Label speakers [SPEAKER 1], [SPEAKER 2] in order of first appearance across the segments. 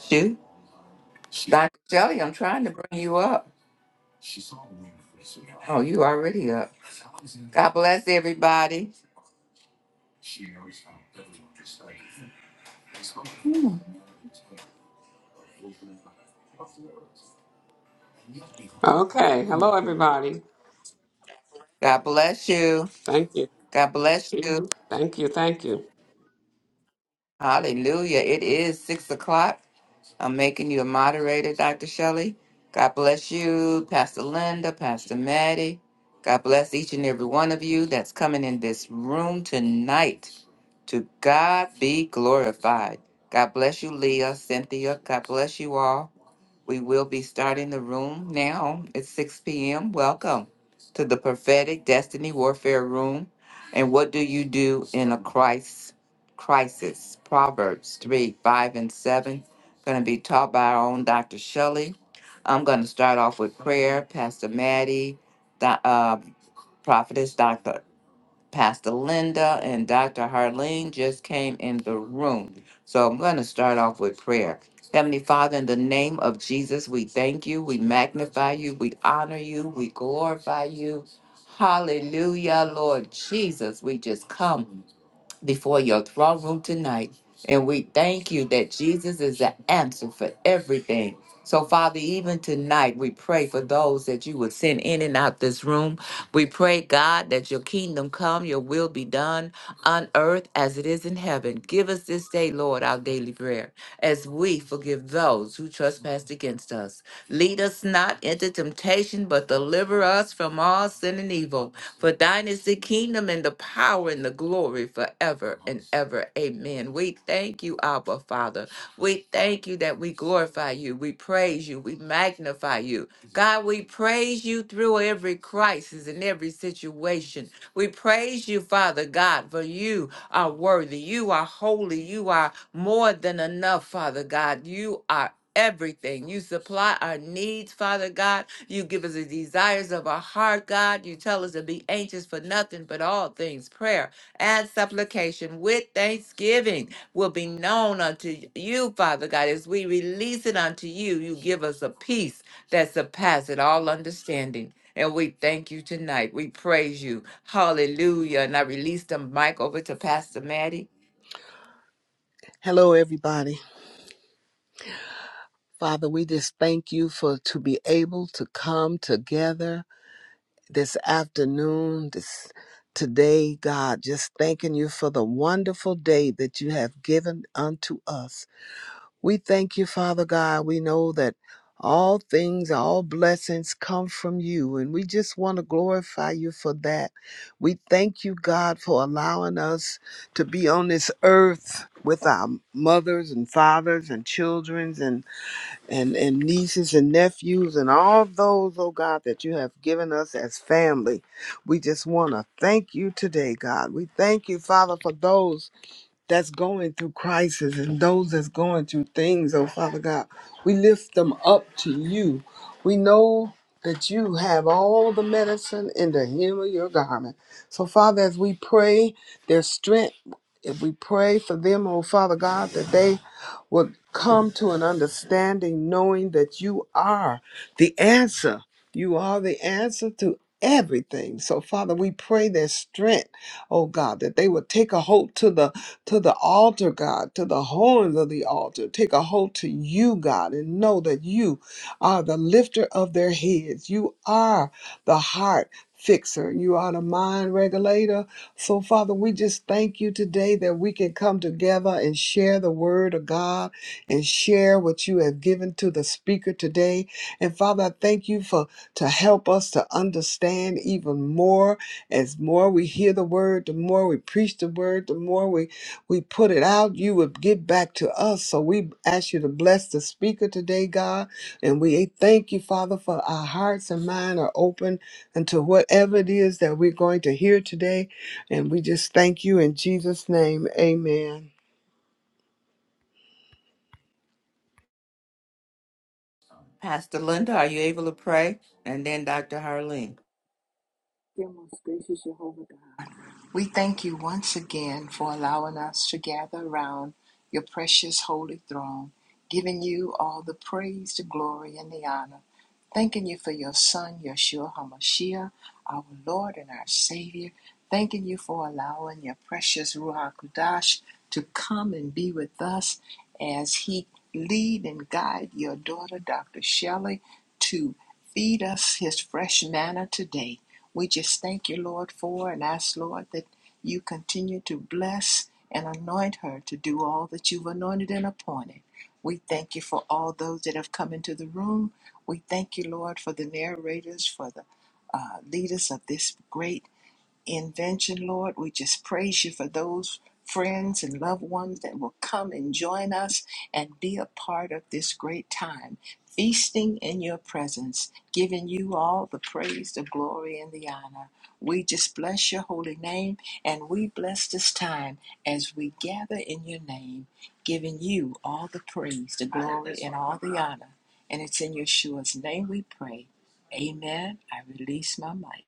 [SPEAKER 1] Shoot, Dr. Shelley, I'm trying to bring you up. Oh, you already up. God bless everybody.
[SPEAKER 2] Okay. Hello, everybody.
[SPEAKER 1] God bless you.
[SPEAKER 2] Thank you.
[SPEAKER 1] God bless you.
[SPEAKER 2] Thank you. Thank you.
[SPEAKER 1] Hallelujah. It is six o'clock. I'm making you a moderator, Dr. Shelley. God bless you, Pastor Linda, Pastor Maddie. God bless each and every one of you that's coming in this room tonight. To God be glorified. God bless you, Leah, Cynthia. God bless you all. We will be starting the room now. It's 6 p.m. Welcome to the prophetic destiny warfare room. And what do you do in a Christ crisis? Proverbs 3, 5, and 7. Going to be taught by our own Dr. Shelley. I'm going to start off with prayer. Pastor Maddie, Do- uh, Prophetess Dr. Pastor Linda and Dr. Harleen just came in the room. So I'm going to start off with prayer. Heavenly Father, in the name of Jesus, we thank you, we magnify you, we honor you, we glorify you. Hallelujah, Lord Jesus. We just come before your throne room tonight. And we thank you that Jesus is the answer for everything. So, Father, even tonight, we pray for those that you would send in and out this room. We pray, God, that your kingdom come, your will be done on earth as it is in heaven. Give us this day, Lord, our daily prayer, as we forgive those who trespass against us. Lead us not into temptation, but deliver us from all sin and evil. For thine is the kingdom and the power and the glory forever and ever. Amen. We thank you, Abba Father. We thank you that we glorify you. We praise you. We magnify you. God, we praise you through every crisis and every situation. We praise you, Father God, for you are worthy. You are holy. You are more than enough, Father God. You are everything. You supply our needs, Father God. You give us the desires of our heart, God. You tell us to be anxious for nothing but all things. Prayer and supplication with thanksgiving will be known unto you, Father God. As we release it unto you, you give us a peace that surpasses all understanding. And we thank you tonight. We praise you. Hallelujah. And I release the mic over to Pastor Maddie.
[SPEAKER 3] Hello, everybody. Father, we just thank you for to be able to come together this afternoon, this today, God. Just thanking you for the wonderful day that you have given unto us. We thank you, Father God. We know that all things, all blessings come from you, and we just want to glorify you for that. We thank you, God, for allowing us to be on this earth with our mothers and fathers and children and and, and nieces and nephews and all those, oh God, that you have given us as family. We just want to thank you today, God. We thank you, Father, for those that's going through crisis and those that's going through things, oh Father God. We lift them up to you. We know that you have all the medicine in the hem of your garment. So, Father, as we pray their strength, if we pray for them, oh Father God, that they would come to an understanding knowing that you are the answer. You are the answer to everything. So, Father, we pray their strength, oh God, that they would take a hold to the to the altar, God, to the horns of the altar. Take a hold to you, God, and know that you are the lifter of their heads. You are the heart fixer. You are the mind regulator. So, Father, we just thank you today that we can come together and share the word of God and share what you have given to the speaker today. And Father, I thank you for to help us to understand even more. As more we hear the word, the more we preach the word, the more we we put it out, you would give back to us. So we ask you to bless the speaker today, God. And we thank you, Father, for our hearts and mind are open unto whatever it is that we're going to hear today. And we just thank you in Jesus' name. Amen.
[SPEAKER 1] Pastor Linda, are you able to pray? And then Dr. Harleen.
[SPEAKER 4] Dear most gracious Jehovah God, we thank you once again for allowing us to gather around your precious holy throne, giving you all the praise, the glory, and the honor. Thanking you for your Son, Yeshua HaMashiach, our Lord and our Savior. Thanking you for allowing your precious Ruach Kudash to come and be with us as he lead and guide your daughter, Dr. Shelley, to feed us his fresh manna today. We just thank you, Lord, for and ask, Lord, that you continue to bless and anoint her to do all that you've anointed and appointed. We thank you for all those that have come into the room. We thank you, Lord, for the narrators, for the uh, leaders of this great invention, Lord. We just praise you for those friends and loved ones that will come and join us and be a part of this great time, feasting in your presence, giving you all the praise, the glory, and the honor. We just bless your holy name and we bless this time as we gather in your name, giving you all the praise, the glory, and all the honor. And it's in Yeshua's name we pray. Amen. I release my mic.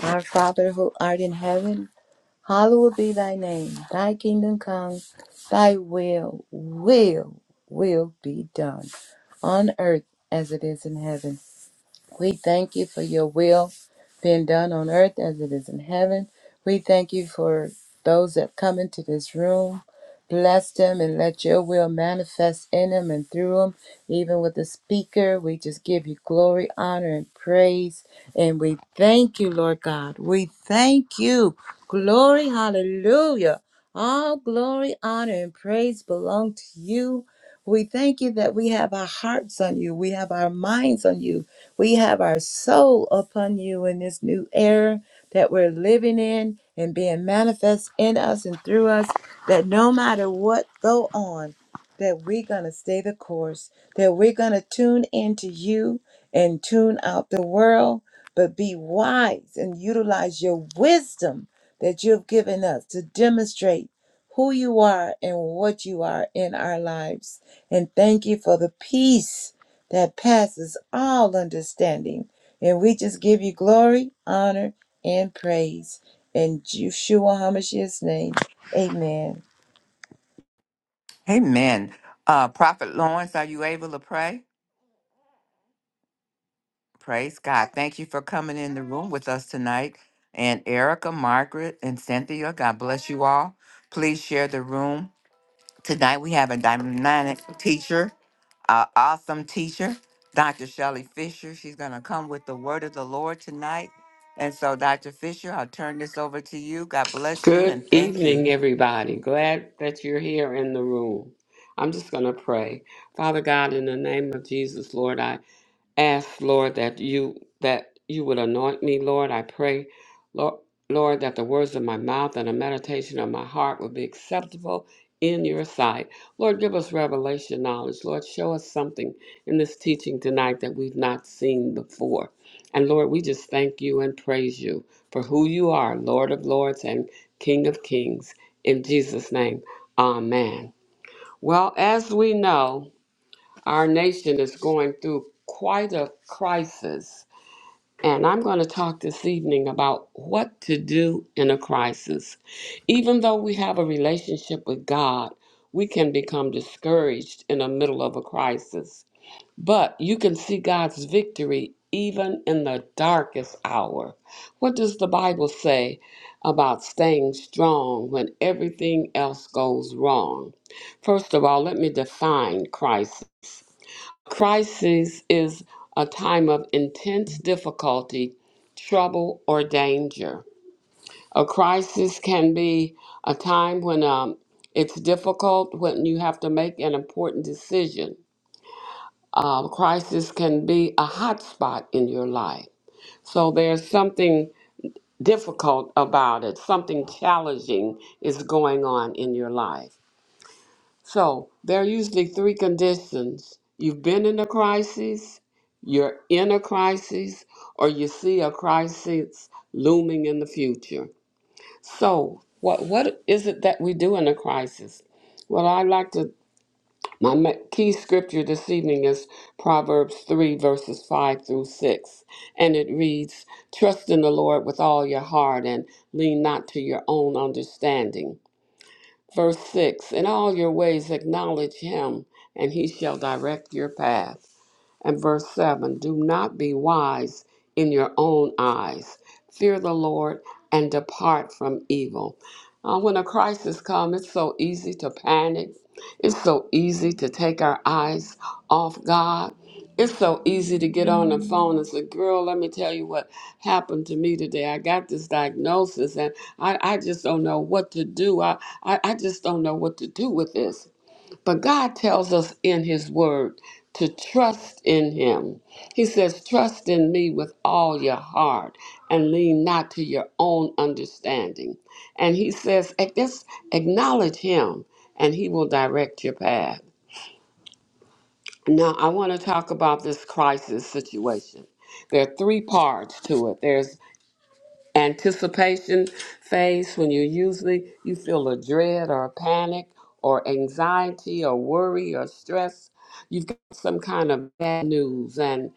[SPEAKER 5] Our Father who art in heaven, hallowed be thy name. Thy kingdom come, thy will, will, will be done on earth as it is in heaven. We thank you for your will being done on earth as it is in heaven. We thank you for those that come into this room. Bless them and let your will manifest in them and through them. Even with the speaker, we just give you glory, honor, and praise. And we thank you, Lord God. We thank you. Glory, hallelujah. All glory, honor, and praise belong to you. We thank you that we have our hearts on you. We have our minds on you. We have our soul upon you in this new era that we're living in and being manifest in us and through us that no matter what go on, that we're going to stay the course, that we're going to tune into you and tune out the world, but be wise and utilize your wisdom that you've given us to demonstrate who you are and what you are in our lives. And thank you for the peace that passes all understanding. And we just give you glory, honor, and praise. In Yeshua HaMashiach's name, amen.
[SPEAKER 1] Amen. Uh, Prophet Lawrence, are you able to pray? Praise God. Thank you for coming in the room with us tonight. And Erica, Margaret, and Cynthia, God bless you all. Please share the room. Tonight we have a dynamic teacher, uh, awesome teacher, Dr. Shelley Fisher. She's going to come with the word of the Lord tonight. And so, Dr. Fisher, I'll turn this over to you. God bless you
[SPEAKER 2] Good
[SPEAKER 1] and thank you.
[SPEAKER 2] evening, everybody. Glad that you're here in the room. I'm just going to pray. Father God, in the name of Jesus, Lord, I ask, Lord, that you that you would anoint me, Lord. I pray, Lord, Lord, that the words of my mouth and the meditation of my heart would be acceptable in your sight. Lord, give us revelation knowledge. Lord, show us something in this teaching tonight that we've not seen before. And Lord, we just thank you and praise you for who you are, Lord of Lords and King of Kings. In Jesus' name, amen. Well, as we know, our nation is going through quite a crisis, and I'm going to talk this evening about what to do in a crisis. Even though we have a relationship with God, we can become discouraged in the middle of a crisis. But you can see God's victory even in the darkest hour. What does the Bible say about staying strong when everything else goes wrong? First of all, let me define crisis. Crisis is a time of intense difficulty, trouble, or danger. A crisis can be a time when um, it's difficult, when you have to make an important decision. Uh, crisis can be a hot spot in your life. So there's something difficult about it, something challenging is going on in your life. So there are usually three conditions you've been in a crisis, you're in a crisis, or you see a crisis looming in the future. So, what, what is it that we do in a crisis? Well, I like to, my ma- key scripture this evening is Proverbs 3, verses 5 through 6. And it reads Trust in the Lord with all your heart and lean not to your own understanding Verse 6 In all your ways acknowledge him, and he shall direct your path and verse 7 Do not be wise in your own eyes. Fear the Lord and depart from evil. Uh, when a crisis comes, it's so easy to panic. It's so easy to take our eyes off God. It's so easy to get on the phone and say, Girl, let me tell you what happened to me today. I got this diagnosis and I, I just don't know what to do. I, I, I just don't know what to do with this. But God tells us in His Word to trust in Him. He says, Trust in me with all your heart and lean not to your own understanding. And He says, "Ac- Just acknowledge Him and He will direct your path. Now, I want to talk about this crisis situation. There are three parts to it. There's anticipation phase when you usually you feel a dread or a panic or anxiety or worry or stress you've got some kind of bad news and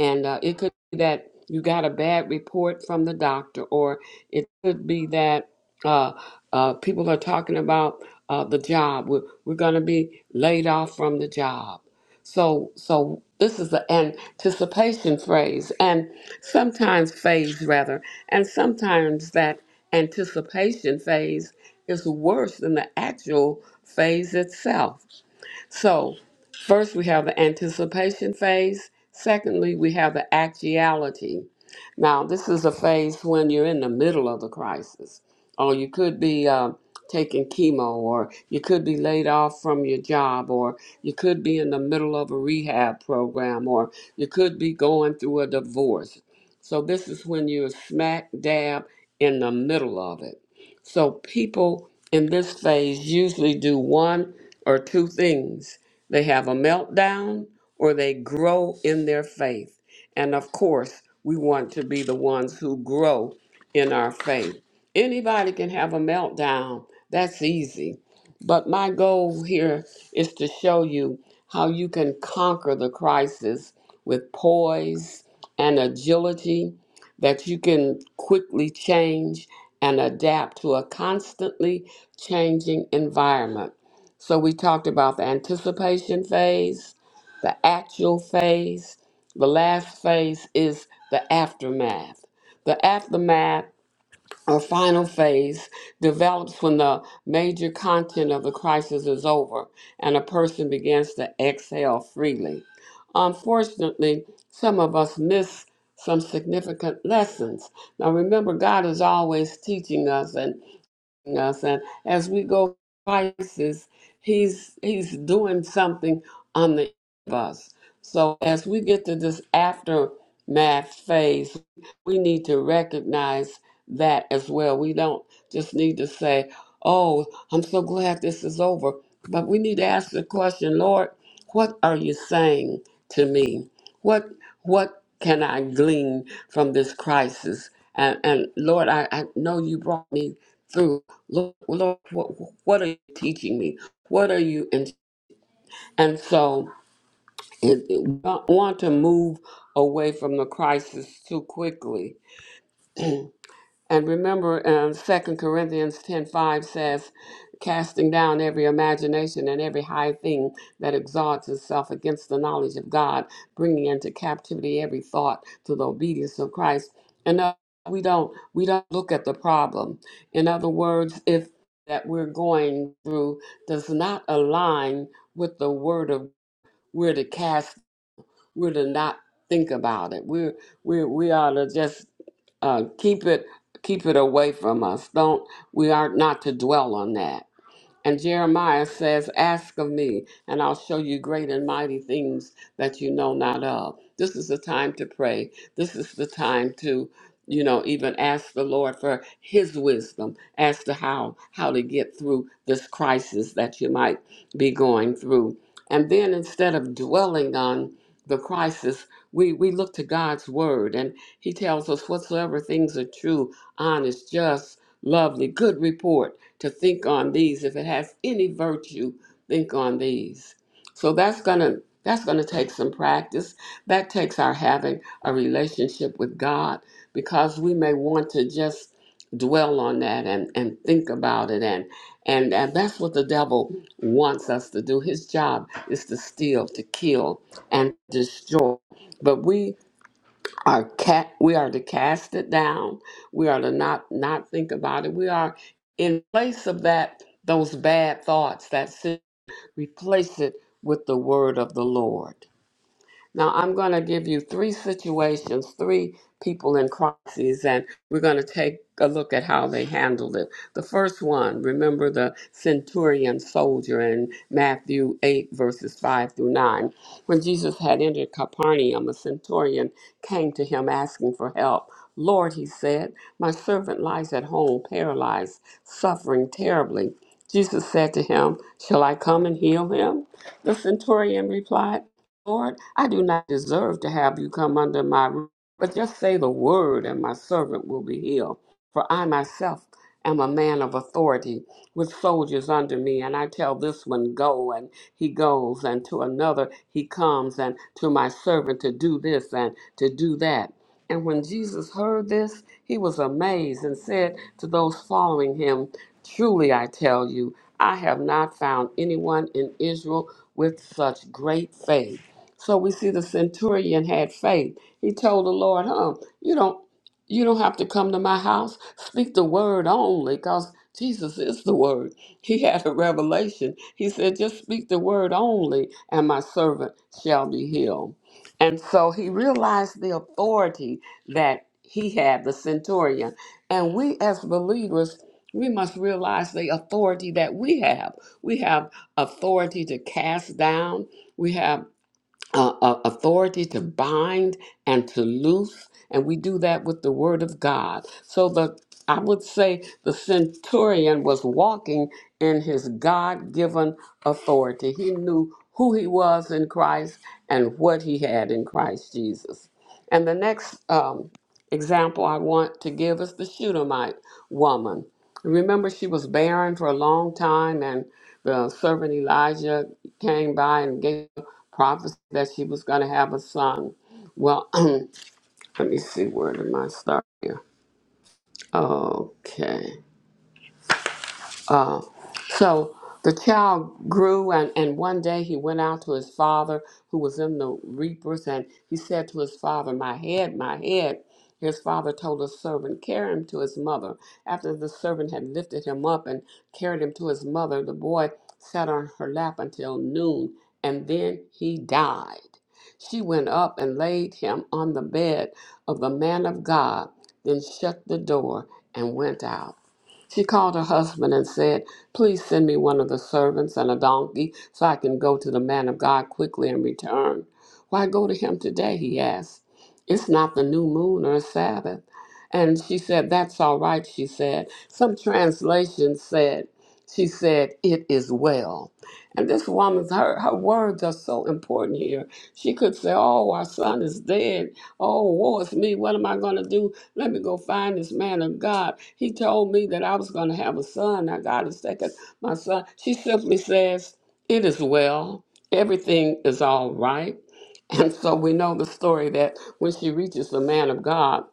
[SPEAKER 2] and uh, it could be that you got a bad report from the doctor or it could be that uh, uh, people are talking about uh, the job we're, we're going to be laid off from the job so so this is the anticipation phase and sometimes phase rather and sometimes that anticipation phase is worse than the actual phase itself. So, first we have the anticipation phase. Secondly, we have the actuality. Now, this is a phase when you're in the middle of the crisis, or you could be uh, taking chemo, or you could be laid off from your job, or you could be in the middle of a rehab program, or you could be going through a divorce. So, this is when you're smack dab in the middle of it. So people in this phase usually do one or two things. They have a meltdown or they grow in their faith. And of course, we want to be the ones who grow in our faith. Anybody can have a meltdown. That's easy. But my goal here is to show you how you can conquer the crisis with poise and agility that you can quickly change and adapt to a constantly changing environment. So, we talked about the anticipation phase, the actual phase. The last phase is the aftermath. The aftermath our final phase develops when the major content of the crisis is over and a person begins to exhale freely. Unfortunately, some of us miss some significant lessons. Now, remember, God is always teaching us, and us and as we go through crisis he's he's doing something on the end of us so as we get to this aftermath phase we need to recognize that as well we don't just need to say oh i'm so glad this is over but we need to ask the question lord what are you saying to me what what can i glean from this crisis and, and lord I, I know you brought me through lord, lord what, what are you teaching me what are you and and so it, it- we don't want to move away from the crisis too quickly And remember, um, 2 Corinthians 10.5 says, casting down every imagination and every high thing that exalts itself against the knowledge of God, bringing into captivity every thought to the obedience of Christ. And uh, we don't we don't look at the problem. In other words, if that we're going through does not align with the word of we're to cast, we're to not think about it. We're we we ought to just uh, keep it keep it away from us. Don't we are not to dwell on that. And Jeremiah says, Ask of me, and I'll show you great and mighty things that you know not of. This is the time to pray. This is the time to, you know, even ask the Lord for his wisdom as to how how to get through this crisis that you might be going through. And then instead of dwelling on the crisis, we, we look to God's word, and He tells us whatsoever things are true, honest, just, lovely, good report to think on these. If it has any virtue, think on these. So that's gonna that's gonna take some practice. That takes our having a relationship with God because we may want to just dwell on that and, and think about it and and and that's what the devil wants us to do. His job is to steal, to kill, and destroy. But we our cat, we are to cast it down. We are to not not think about it. We are in place of that those bad thoughts that sin, replace it with the word of the Lord. Now, I'm going to give you three situations, three people in crises, and we're going to take a look at how they handled it. The first one, remember the centurion soldier in Matthew 8, verses 5 through 9. When Jesus had entered Capernaum, a centurion came to him asking for help. Lord, he said, my servant lies at home, paralyzed, suffering terribly. Jesus said to him, Shall I come and heal him? The centurion replied, Lord, I do not deserve to have you come under my roof, but just say the word, and my servant will be healed. For I myself am a man of authority, with soldiers under me, and I tell this one, Go, and he goes, and to another, He comes, and to my servant, to do this and to do that. And when Jesus heard this, he was amazed and said to those following him, Truly I tell you, I have not found anyone in Israel with such great faith. So we see the centurion had faith. He told the Lord, huh, you don't you don't have to come to my house. Speak the word only, because Jesus is the word. He had a revelation. He said, just speak the word only, and my servant shall be healed. And so he realized the authority that he had, the centurion. And we as believers, we must realize the authority that we have. We have authority to cast down. We have uh, uh, authority to bind and to loose, and we do that with the word of God. So the I would say the centurion was walking in his God-given authority. He knew who he was in Christ and what he had in Christ Jesus. And the next um, example I want to give is the Shunammite woman. Remember, she was barren for a long time, and the servant Elijah came by and gave prophets that she was going to have a son. Well, let me see, where did mine start here? Okay. uh, So the child grew, and, and one day he went out to his father, who was in the reapers, and he said to his father, My head, my head. His father told his servant, Carry him to his mother. After the servant had lifted him up and carried him to his mother, the boy sat on her lap until noon, and then he died. She went up and laid him on the bed of the man of God, then shut the door and went out. She called her husband and said, Please send me one of the servants and a donkey so I can go to the man of God quickly and return. Why go to him today? he asked. It's not the new moon or Sabbath. And she said, That's all right, she said. Some translations said, She said, It is well. And this woman's, her, her words are so important here. She could say, Oh, our son is dead. Oh, woe is me. What am I going to do? Let me go find this man of God. He told me that I was going to have a son. Now God has taken my son. She simply says, It is well. Everything is all right. And so we know the story that when she reaches the man of God,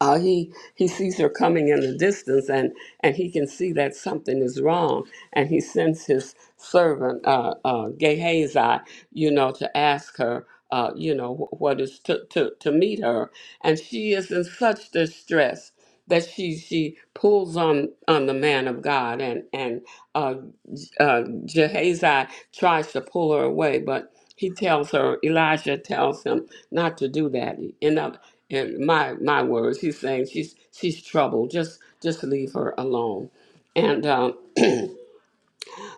[SPEAKER 2] uh, he he sees her coming in the distance and and he can see that something is wrong and he sends his servant uh, uh, Gehazi you know to ask her uh, you know wh- what is to, to to meet her and she is in such distress that she she pulls on on the man of God and and uh, uh, Gehazi tries to pull her away but he tells her Elijah tells him not to do that in my my words, he's saying she's she's troubled. Just just leave her alone. And um,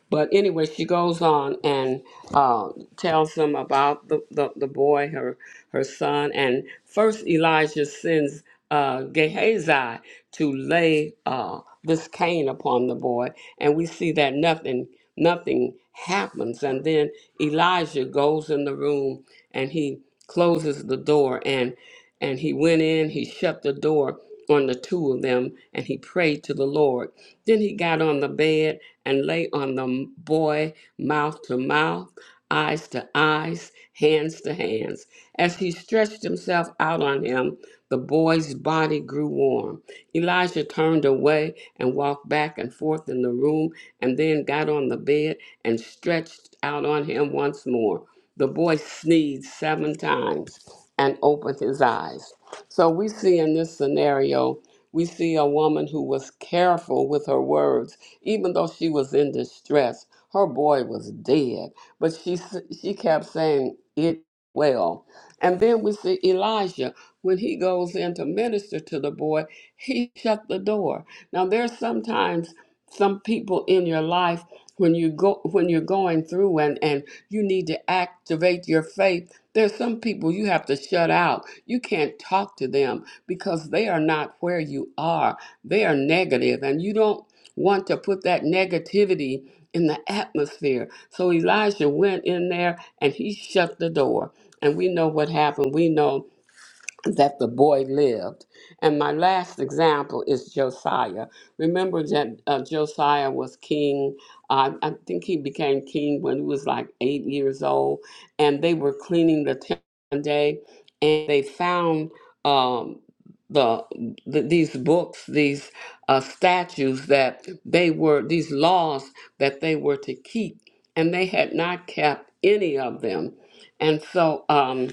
[SPEAKER 2] but anyway, she goes on and uh, tells them about the, the, the boy, her her son, and first Elijah sends uh, Gehazi to lay uh, this cane upon the boy, and we see that nothing nothing happens, and then Elijah goes in the room and he closes the door, and and he went in, he shut the door on the two of them, and he prayed to the Lord then he got on the bed and lay on the boy, mouth to mouth, eyes to eyes, hands to hands. As he stretched himself out on him, the boy's body grew warm. Elijah turned away and walked back and forth in the room, and then got on the bed and stretched out on him once more. The boy sneezed seven times and opened his eyes. So we see in this scenario, we see a woman who was careful with her words, even though she was in distress. Her boy was dead, but she s- she kept saying it well. And then we see Elijah when he goes in to minister to the boy, he shut the door. Now there's sometimes some people in your life when you go when you're going through and and you need to activate your faith. There's some people you have to shut out you can't talk to them because they are not where you are. They are negative, and you don't want to put that negativity in the atmosphere. So Elijah went in there and he shut the door. And we know what happened. We know that the boy lived. And my last example is Josiah. Remember that uh, Josiah was king. Uh, I think he became king when he was like eight years old. And they were cleaning the temple one day, and they found um, the, the these books, these uh, statues that they were these laws that they were to keep, and they had not kept any of them. And so. Um,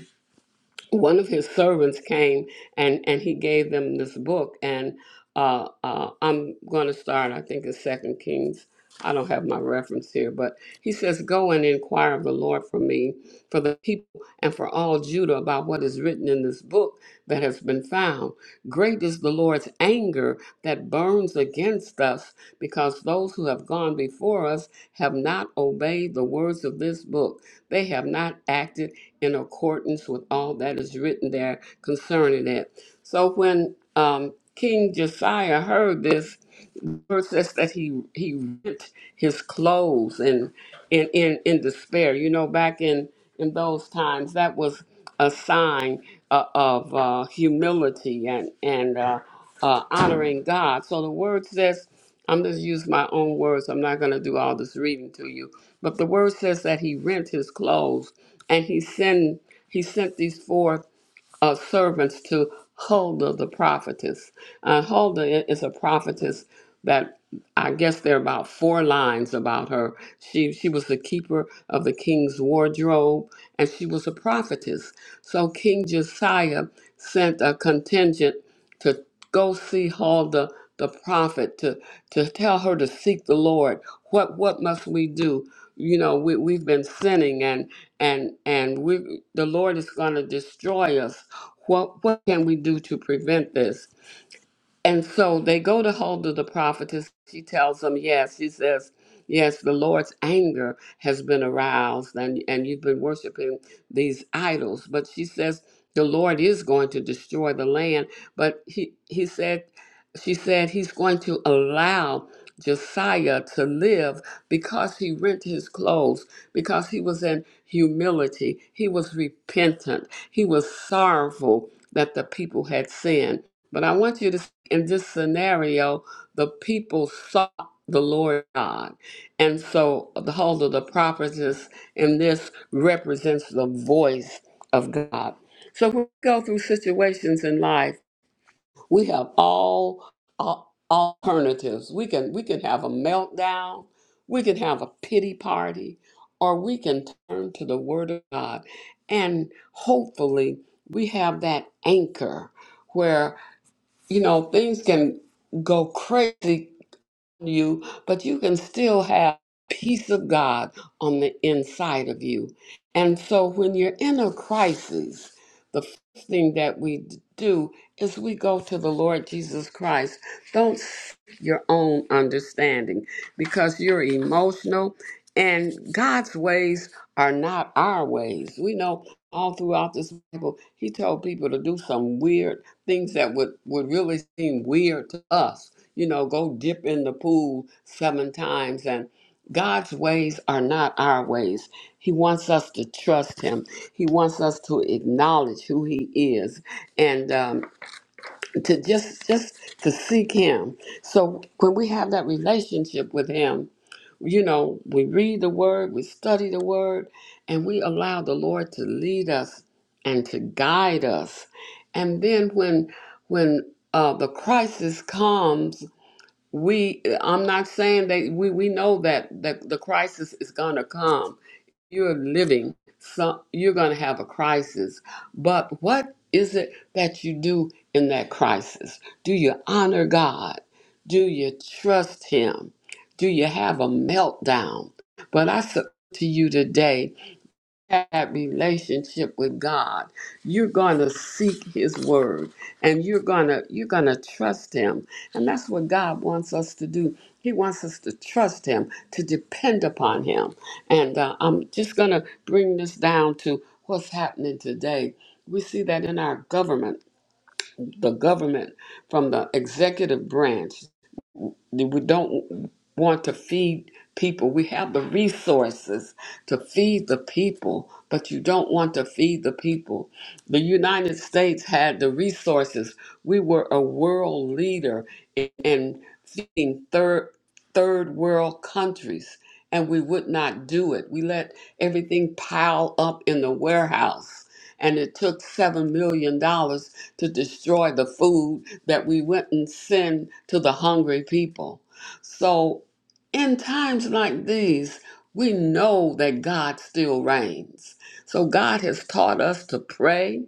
[SPEAKER 2] one of his servants came and and he gave them this book and uh, uh, i'm going to start i think in second kings i don't have my reference here but he says go and inquire of the lord for me for the people and for all judah about what is written in this book that has been found great is the lord's anger that burns against us because those who have gone before us have not obeyed the words of this book they have not acted in accordance with all that is written there concerning it. So when um, King Josiah heard this, the verse says that he he ripped his clothes and in in in despair. You know, back in in those times, that was a sign uh, of uh, humility and and uh, uh, honoring God. So the word says, I'm just use my own words. I'm not going to do all this reading to you, but the word says that he rent his clothes and he sent he sent these forth uh, servants to Huldah the prophetess. Uh, Huldah is a prophetess that I guess there are about four lines about her. She she was the keeper of the king's wardrobe, and she was a prophetess. So King Josiah sent a contingent to go see Hall the, the prophet, to, to tell her to seek the Lord. What what must we do? You know, we, we've been sinning and and and we the Lord is gonna destroy us. What what can we do to prevent this? And so they go to Huldah the prophetess. She tells them, yes, she says, yes, the Lord's anger has been aroused and, and you've been worshiping these idols. But she says, the Lord is going to destroy the land. But he, he said, she said he's going to allow Josiah to live because he rent his clothes, because he was in humility. He was repentant. He was sorrowful that the people had sinned but I want you to, see in this scenario, the people sought the Lord God. And so the whole of the prophetess in this represents the voice of God. So when we go through situations in life, we have all, all alternatives. We can we can have a meltdown, we can have a pity party, or we can turn to the word of God. And hopefully we have that anchor where you know, things can go crazy on you, but you can still have peace of God on the inside of you. And so when you're in a crisis, the first thing that we d- do is we go to the Lord Jesus Christ. Don't seek your own understanding because you're emotional and God's ways are not our ways. We know all throughout this Bible, he told people to do some weird things that would, would really seem weird to us. You know, go dip in the pool seven times. And God's ways are not our ways. He wants us to trust Him. He wants us to acknowledge who He is, and um, to just just to seek Him. So when we have that relationship with Him, you know, we read the word, we study the word, and we allow the Lord to lead us and to guide us. And then when when uh, the crisis comes, we I'm not saying that we we know that that the crisis is going to come, you're living some you're going to have a crisis but what is it that you do in that crisis do you honor god do you trust him do you have a meltdown but i submit to you today that relationship with God, you're going to seek his word and you're going to you're going to trust him. And that's what God wants us to do. He wants us to trust him, to depend upon him. And uh, I'm just going to bring this down to what's happening today. We see that in our government, the government from the executive branch we don't want to feed people. We have the resources to feed the people, but you don't want to feed the people. The United States had the resources. We were a world leader in, in feeding third third world countries, and we would not do it. We let everything pile up in the warehouse and it took seven million dollars to destroy the food that we went and send to the hungry people. So in times like these, we know that God still reigns. So God has taught us to pray.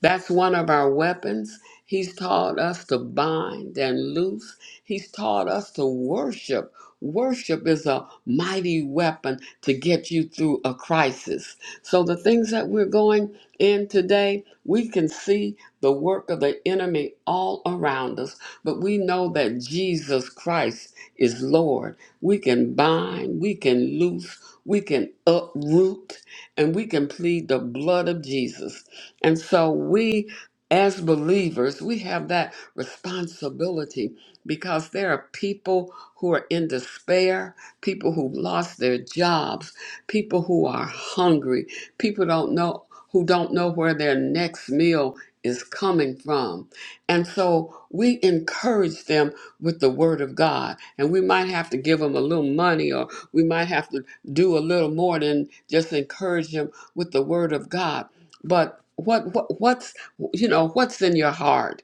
[SPEAKER 2] That's one of our weapons. He's taught us to bind and loose. He's taught us to worship. Worship is a mighty weapon to get you through a crisis. So, the things that we're going in today, we can see the work of the enemy all around us, but we know that Jesus Christ is Lord. We can bind, we can loose, we can uproot, and we can plead the blood of Jesus and so we, as believers, we have that responsibility because there are people who are in despair, people who've lost their jobs, people who are hungry, people don't know who don't know where their next meal is coming from. And so we encourage them with the word of God. And we might have to give them a little money or we might have to do a little more than just encourage them with the word of God but what, what what's you know what's in your heart?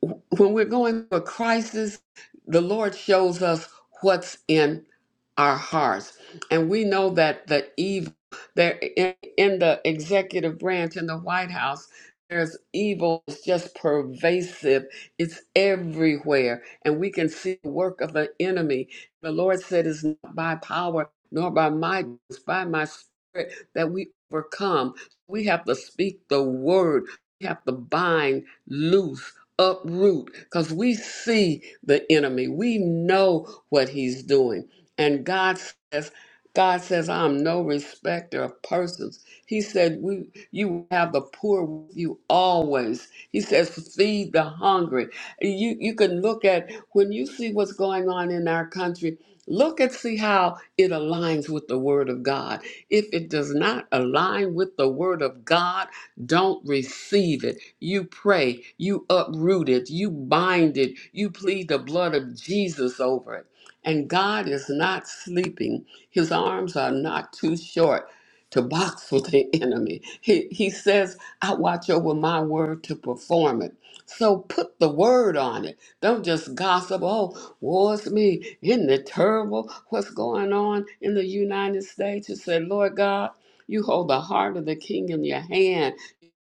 [SPEAKER 2] when we're going through a crisis, the Lord shows us what's in our hearts. And we know that the evil there in, in the executive branch in the White House, there's evil it's just pervasive. It's everywhere. And we can see the work of the enemy. The Lord said it's not by power nor by might, it's by my spirit that we overcome. We have to speak the word. We have to bind loose uproot because we see the enemy we know what he's doing and god says god says i'm no respecter of persons he said we you have the poor with you always he says feed the hungry you you can look at when you see what's going on in our country look and see how it aligns with the word of god if it does not align with the word of god don't receive it you pray, you uproot it, you bind it, you plead the blood of Jesus over it. And God is not sleeping. His arms are not too short to box with the enemy. He, he says, I watch over my word to perform it. So put the word on it. Don't just gossip, oh, woe's me, isn't it terrible what's going on in the United States? You say, Lord God, you hold the heart of the king in your hand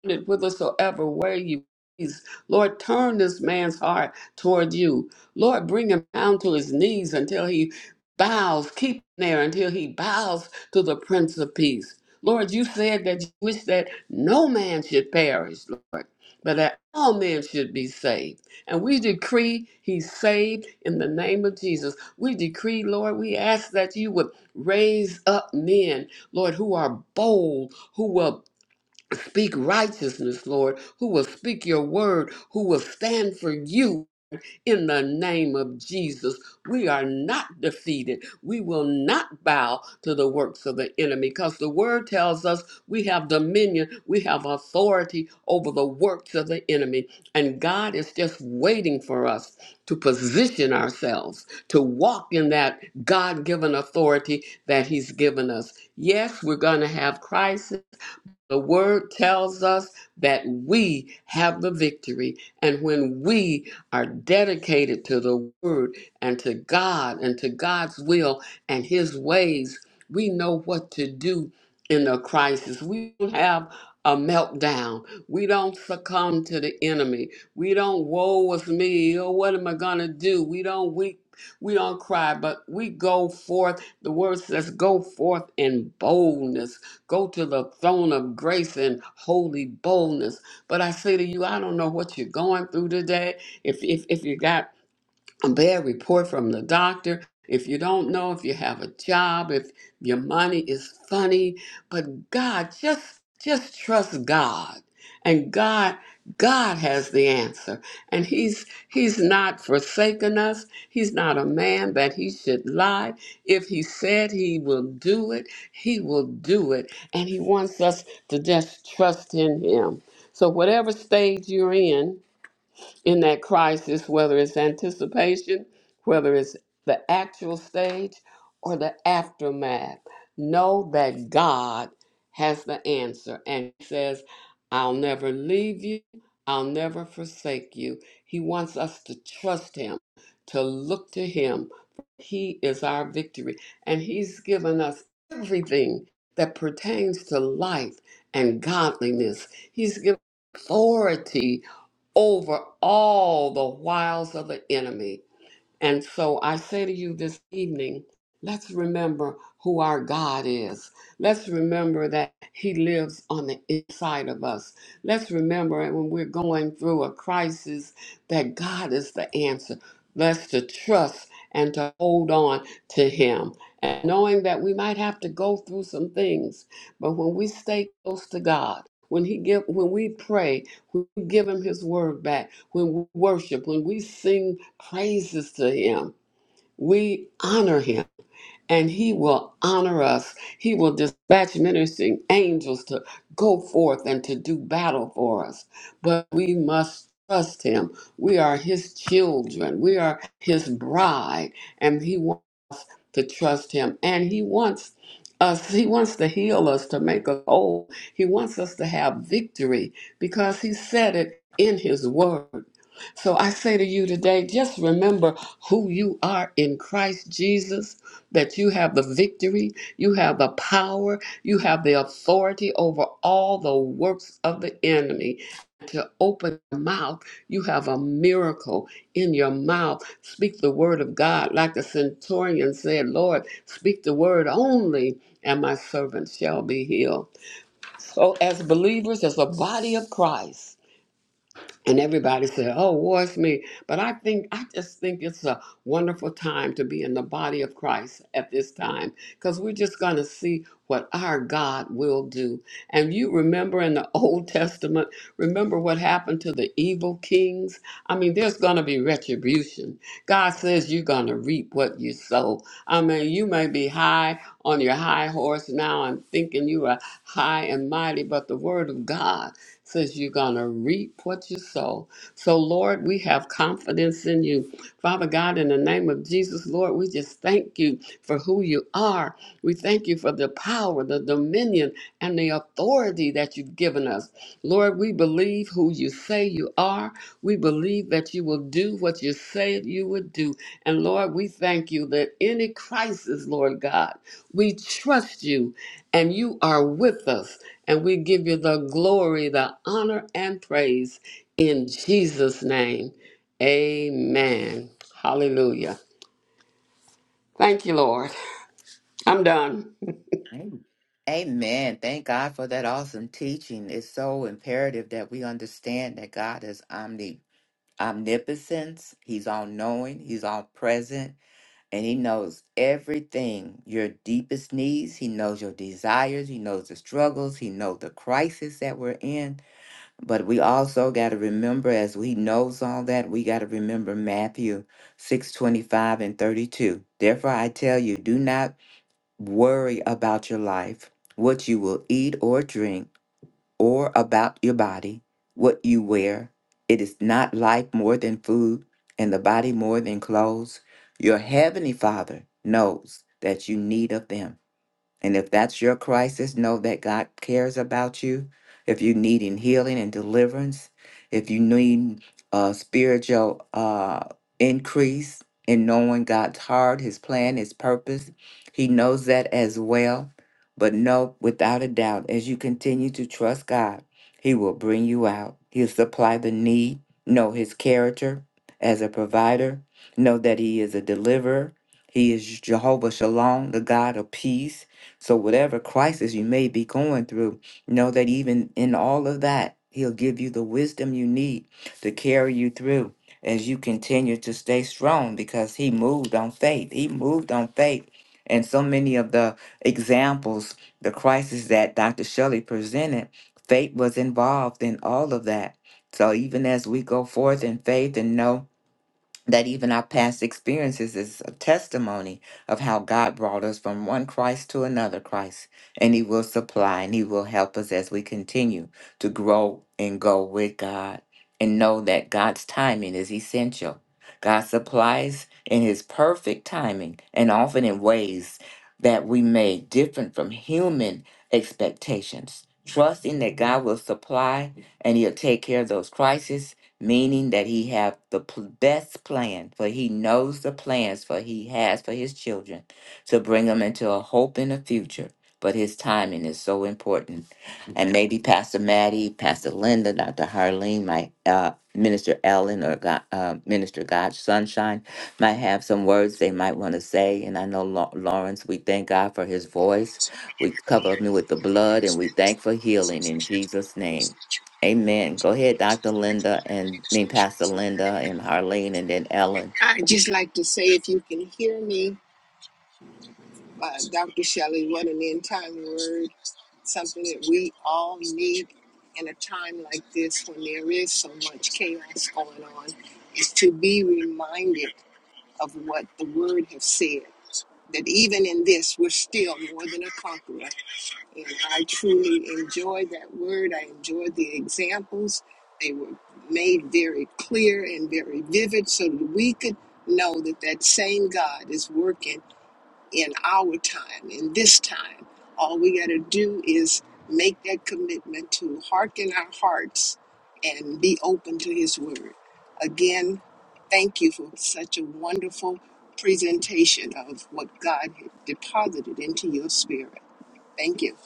[SPEAKER 2] it whithersoever where you please. Lord, turn this man's heart toward you. Lord, bring him down to his knees until he bows. Keep him there until he bows to the Prince of Peace. Lord, you said that you wish that no man should perish, Lord, but that all men should be saved. And we decree he's saved in the name of Jesus. We decree, Lord, we ask that you would raise up men, Lord, who are bold, who will Speak righteousness, Lord, who will speak your word, who will stand for you in the name of Jesus. We are not defeated. We will not bow to the works of the enemy because the word tells us we have dominion, we have authority over the works of the enemy. And God is just waiting for us to position ourselves to walk in that God given authority that He's given us. Yes, we're going to have crisis. The word tells us that we have the victory. And when we are dedicated to the word and to God and to God's will and his ways, we know what to do in a crisis. We don't have a meltdown. We don't succumb to the enemy. We don't woe is me. Oh, what am I gonna do? We don't weep. We don't cry, but we go forth. The word says, "Go forth in boldness." Go to the throne of grace and holy boldness. But I say to you, I don't know what you're going through today. If if if you got a bad report from the doctor, if you don't know if you have a job, if your money is funny, but God just just trust God. And God God has the answer. And he's he's not forsaken us. He's not a man that he should lie. If he said he will do it, he will do it. And he wants us to just trust in him. So whatever stage you're in, in that crisis, whether it's anticipation, whether it's the actual stage, or the aftermath. Know that God has the answer and He says, I'll never leave you, I'll never forsake you. He wants us to trust Him, to look to Him. He is our victory, and He's given us everything that pertains to life and godliness. He's given authority over all the wiles of the enemy. And so I say to you this evening, let's remember who our God is. Let's remember that He lives on the inside of us. Let's remember when we're going through a crisis that God is the answer. Let's to trust and to hold on to Him. And knowing that we might have to go through some things, but when we stay close to God, when He give, when we pray when we give him his word back, when we worship, when we sing praises to him, we honor him and he will honor us. He will dispatch ministering angels to go forth and to do battle for us. But we must trust him. We are his children, we are his bride, and he wants to trust him and he wants us he wants to heal us to make us whole he wants us to have victory because he said it in his word so i say to you today just remember who you are in christ jesus that you have the victory you have the power you have the authority over all the works of the enemy to open your mouth, you have a miracle in your mouth. Speak the word of God. Like the centurion said, Lord, speak the word only, and my servant shall be healed. So, as believers, as a body of Christ, and everybody said, "Oh, woe is me." But I think I just think it's a wonderful time to be in the body of Christ at this time because we're just going to see what our God will do. And you remember in the Old Testament, remember what happened to the evil kings? I mean, there's going to be retribution. God says you're going to reap what you sow. I mean, you may be high on your high horse now and thinking you are high and mighty, but the word of God says you're going to reap what you sow. So, Lord, we have confidence in you. Father God, in the name of Jesus, Lord, we just thank you for who you are. We thank you for the power, the dominion, and the authority that you've given us. Lord, we believe who you say you are. We believe that you will do what you said you would do. And Lord, we thank you that any crisis, Lord God, we trust you and you are with us. And we give you the glory, the honor, and praise in Jesus' name. Amen. Hallelujah. Thank you, Lord. I'm done.
[SPEAKER 1] Amen. Amen. Thank God for that awesome teaching. It's so imperative that we understand that God is omni omnipotence. He's all knowing, he's all present, and he knows everything. Your deepest needs, he knows your desires, he knows the struggles, he knows the crisis that we're in. But we also got to remember, as he knows all that, we got to remember Matthew six twenty five and 32. Therefore, I tell you, do not worry about your life, what you will eat or drink, or about your body, what you wear. It is not life more than food, and the body more than clothes. Your heavenly Father knows that you need of them. And if that's your crisis, know that God cares about you. If you need in healing and deliverance, if you need uh, spiritual uh, increase in knowing God's heart, His plan, His purpose, He knows that as well. But know without a doubt, as you continue to trust God, He will bring you out. He'll supply the need. Know His character as a provider. Know that He is a deliverer. He is Jehovah Shalom, the God of peace. So, whatever crisis you may be going through, know that even in all of that, He'll give you the wisdom you need to carry you through as you continue to stay strong because He moved on faith. He moved on faith. And so many of the examples, the crisis that Dr. Shelley presented, faith was involved in all of that. So, even as we go forth in faith and know that even our past experiences is a testimony of how God brought us from one Christ to another Christ. And He will supply and He will help us as we continue to grow and go with God and know that God's timing is essential. God supplies in His perfect timing and often in ways that we may different from human expectations. Trusting that God will supply and He'll take care of those crises meaning that he have the p- best plan for he knows the plans for he has for his children to bring them into a hope in the future but his timing is so important and maybe pastor maddie pastor linda dr harlene my uh, minister ellen or god, uh, minister god sunshine might have some words they might want to say and i know Lau- lawrence we thank god for his voice we cover him with the blood and we thank for healing in jesus name Amen. Go ahead, Dr. Linda and I mean Pastor Linda and Harlene and then Ellen.
[SPEAKER 4] I'd just like to say, if you can hear me, uh, Dr. Shelley, what an end time word, something that we all need in a time like this when there is so much chaos going on, is to be reminded of what the word has said. That even in this, we're still more than a conqueror. And I truly enjoyed that word. I enjoyed the examples. They were made very clear and very vivid so that we could know that that same God is working in our time, in this time. All we got to do is make that commitment to hearken our hearts and be open to His word. Again, thank you for such a wonderful presentation of what God had deposited into your spirit. Thank you.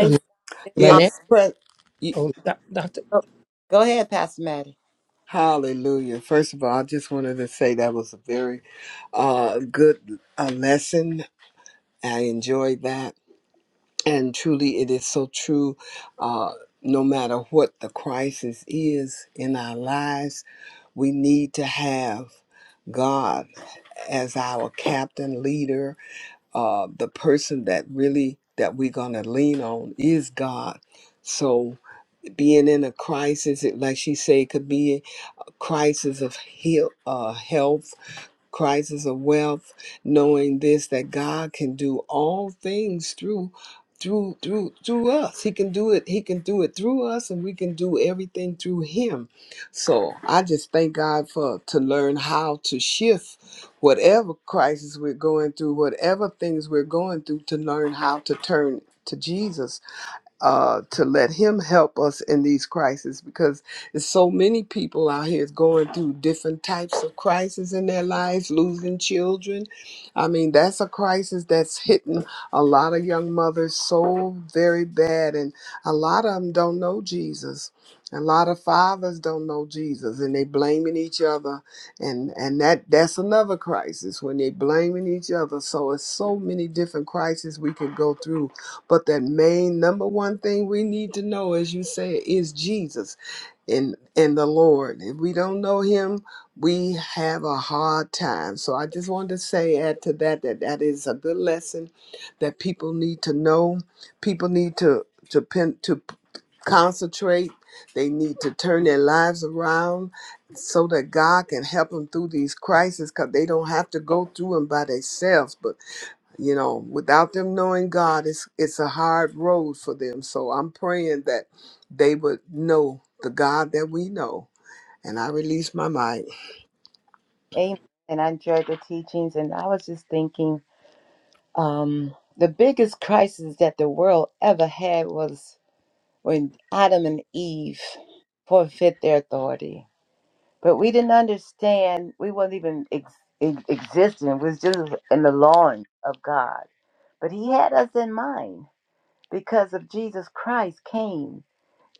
[SPEAKER 6] Um, my
[SPEAKER 5] God.
[SPEAKER 6] next,
[SPEAKER 3] Yes. pre- y-
[SPEAKER 6] oh, doc- doctor,
[SPEAKER 5] Go ahead, Pastor Maddie.
[SPEAKER 3] Hallelujah. First of all, I just wanted to say that was a very uh, good uh, lesson. I enjoyed that And truly, it is so true. Uh, no matter what the crisis is in our lives, we need to have God as our captain, leader, uh, the person that really that we're gonna lean on is God. So, being in a crisis, it, like she said, it could be a crisis of heal, uh, health crisis of wealth, knowing this that God can do all things through through through through us. He can do it. He can do it through us and we can do everything through him. So, I just thank God for to learn how to shift whatever crisis we're going through, whatever things we're going through to learn how to turn to Jesus uh, to let him help us in these crises because there's so many people out here is going through different types of crises in their lives losing children i mean that's a crisis that's hitting a lot of young mothers so very bad and a lot of them don't know jesus a lot of fathers don't know jesus and they blaming each other and and that that's another crisis when they blaming each other so it's so many different crises we could go through but that main number one thing we need to know, as you say, is Jesus and and the Lord. If we don't know Him, we have a hard time. So I just wanted to say add to that that that is a good lesson that people need to know. People need to to pen, to concentrate. They need to turn their lives around so that God can help them through these crises because they don't have to go through them by themselves. But you know without them knowing god it's it's a hard road for them so i'm praying that they would know the god that we know and i release my mind
[SPEAKER 5] Amen. And I enjoyed the teachings, and I was just thinking um, the biggest crisis that the world ever had was when Adam and Eve forfeit their authority. But we didn't understand. We wasn't even ex- ex- existing. We was just in the lawn of God. But He had us in mind because of Jesus Christ came,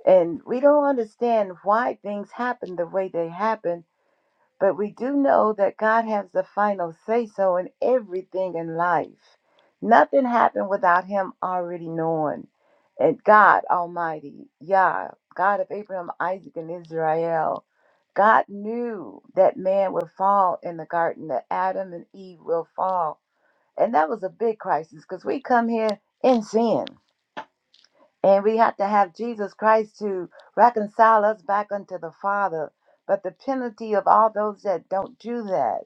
[SPEAKER 5] and we don't understand why things happen the way they happen but we do know that God has the final say so in everything in life. Nothing happened without Him already knowing. And God Almighty, Yah, God of Abraham, Isaac, and Israel, God knew that man would fall in the garden, that Adam and Eve will fall. And that was a big crisis because we come here in sin. And we have to have Jesus Christ to reconcile us back unto the Father. But the penalty of all those that don't do that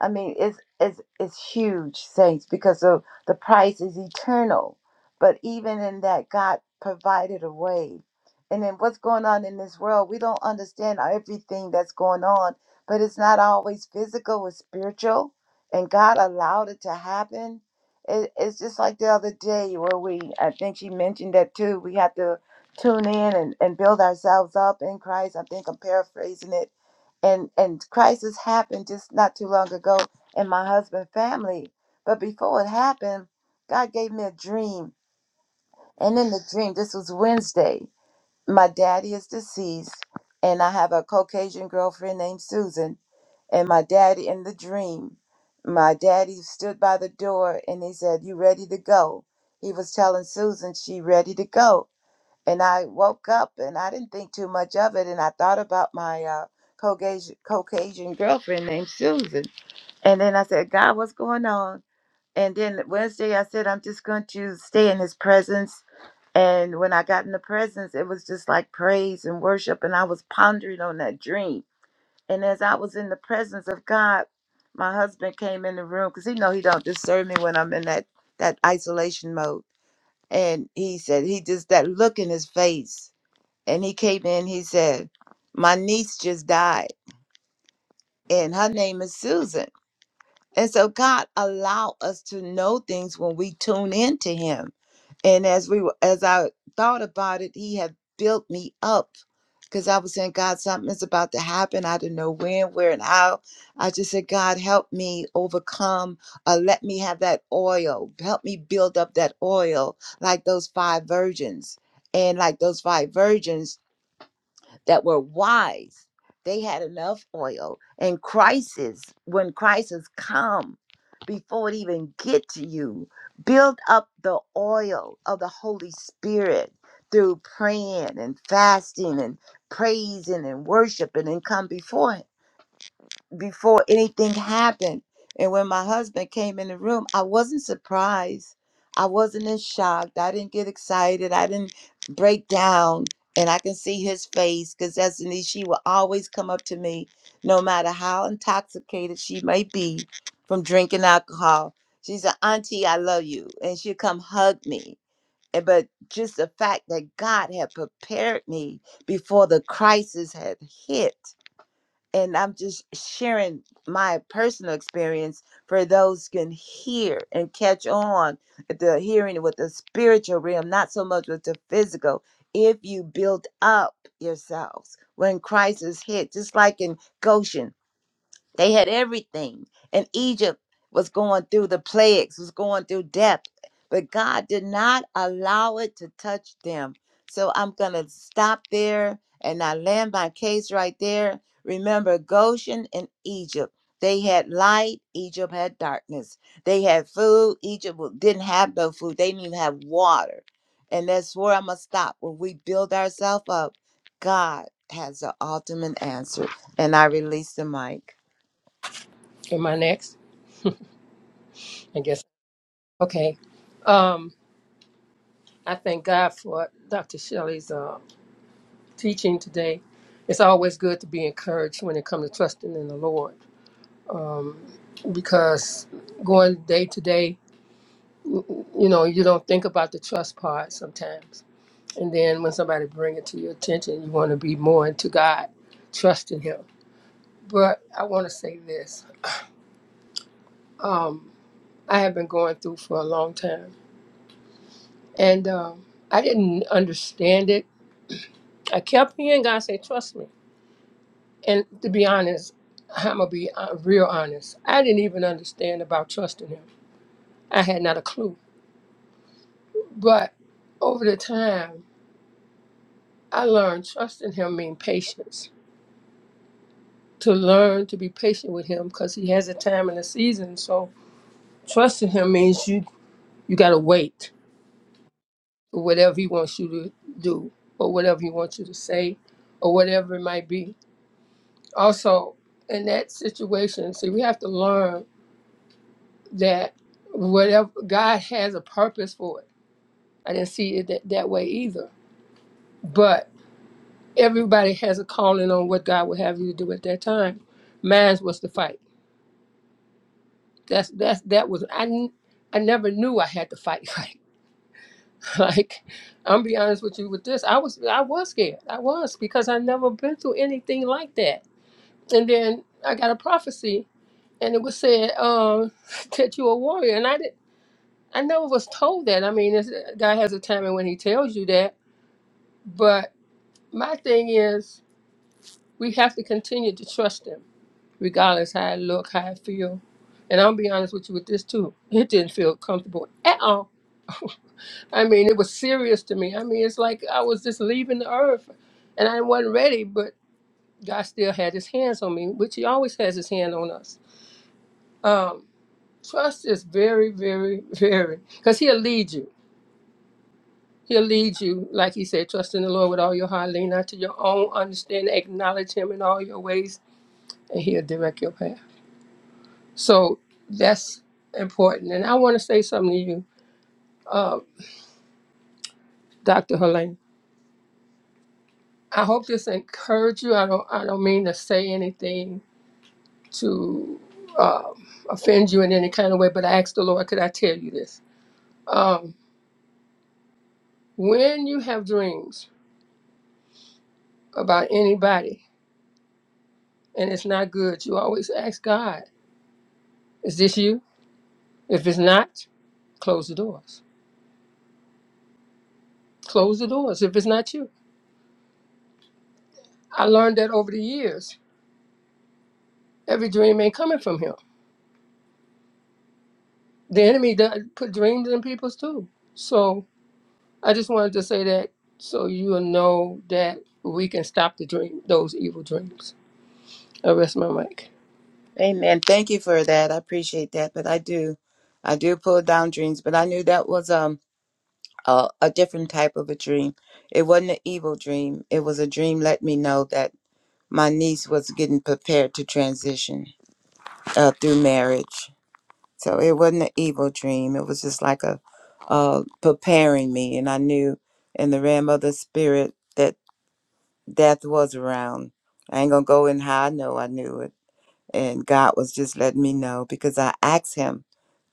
[SPEAKER 5] I mean, it's it's it's huge, saints, because of the price is eternal. But even in that, God provided a way. And then what's going on in this world? We don't understand everything that's going on, but it's not always physical; it's spiritual. And God allowed it to happen. It, it's just like the other day where we, I think she mentioned that too. We have to tune in and, and build ourselves up in Christ. I think I'm paraphrasing it and and crisis happened just not too long ago in my husband's family but before it happened god gave me a dream and in the dream this was wednesday my daddy is deceased and i have a caucasian girlfriend named susan and my daddy in the dream my daddy stood by the door and he said you ready to go he was telling susan she ready to go and I woke up and I didn't think too much of it. And I thought about my uh, Caucasian, Caucasian girlfriend named Susan. And then I said, God, what's going on? And then Wednesday, I said, I'm just going to stay in his presence. And when I got in the presence, it was just like praise and worship. And I was pondering on that dream. And as I was in the presence of God, my husband came in the room because he know he don't disturb me when I'm in that that isolation mode. And he said he just that look in his face and he came in he said my niece just died and her name is susan and so god allow us to know things when we tune into him and as we were- as i thought about it he had built me up because i was saying god something's about to happen i didn't know when where and how i just said god help me overcome uh, let me have that oil help me build up that oil like those five virgins and like those five virgins that were wise. They had enough oil. And crisis, when crisis come, before it even get to you, build up the oil of the Holy Spirit through praying and fasting and praising and worshiping and come before Him before anything happened. And when my husband came in the room, I wasn't surprised. I wasn't in shock. I didn't get excited. I didn't break down. And I can see his face because Destiny, she will always come up to me, no matter how intoxicated she may be from drinking alcohol. She's an auntie, I love you. And she'll come hug me. And- But just the fact that God had prepared me before the crisis had hit and I'm just sharing my personal experience for those who can hear and catch on at the hearing with the spiritual realm, not so much with the physical. If you build up yourselves when crisis hit, just like in Goshen, they had everything. And Egypt was going through the plagues, was going through death, but God did not allow it to touch them. So I'm going to stop there and I land my case right there. Remember Goshen and Egypt. They had light, Egypt had darkness. They had food, Egypt wa- didn't have no food. They didn't even have water. And that's where I'm going to stop. When we build ourselves up, God has the ultimate answer. And I release the mic.
[SPEAKER 6] am I next? I guess. Okay. Um, I thank God for Dr. Shelley's uh, teaching today. It's always good to be encouraged when it comes to trusting in the Lord because going day to day, you know, you don't think about the trust part sometimes. And then when somebody bring it to your attention, you want to be more into God, trusting Him. But I want to say this. Um, I have been going through for a long time And um, I didn't understand it. I kept hearing God say, Trust me. And to be honest, I'm going to be uh, real honest. I didn't even understand about trusting Him. I had not a clue. But over the time, I learned trusting Him means patience. To learn to be patient with Him because He has a time and a season. So trusting Him means you, you got to wait for whatever He wants you to do or whatever He wants you to say or whatever it might be also in that situation see we have to learn that whatever god has a purpose for it i didn't see it that, that way either but everybody has a calling on what god would have you to do at that time mine was to fight that's that's that was i n- I never knew i had to fight fight like i'm be honest with you with this i was i was scared i was because i never been through anything like that and then i got a prophecy and it was said um that you a warrior. and I didn't. I never was told that. I mean, it's, God has a time and when He tells you that. But my thing is, we have to continue to trust Him, regardless how I look, how I feel. And I'll be honest with you with this too. It didn't feel comfortable at all. I mean, it was serious to me. I mean, it's like I was just leaving the earth and I wasn't ready, but God still had his hands on me, which he always has his hand on us. Um, trust is very, very, very, because he'll lead you. He'll lead you, like he said, trust in the Lord with all your heart, lean not to your own understanding, acknowledge him in all your ways, and he'll direct your path. So that's important. And I want to say something to you, uh, Dr. Helene. I hope this encourage you. I don't I don't mean to say anything to uh, offend you in any kind of way, but I asked the Lord, could I tell you this? Um, when you have dreams about anybody and it's not good, you always ask God, is this you? If it's not, Close the doors. Close the doors if it's not you. I learned that over the years. Every dream ain't coming from him. The enemy does put dreams in people's too. So I just wanted to say that so you'll know that we can stop the dream, those evil dreams. I rest my mic.
[SPEAKER 5] Amen. Thank you for that. I appreciate that. But I do, I do pull down dreams. But I knew that was um a, a different type of a dream. It wasn't an evil dream. It was a dream let me know that my niece was getting prepared to transition uh, through marriage. So it wasn't an evil dream. It was just like a uh, preparing me, and I knew in the realm of the spirit that death was around. I ain't gonna go in how I know I knew it And God was just letting me know because I asked Him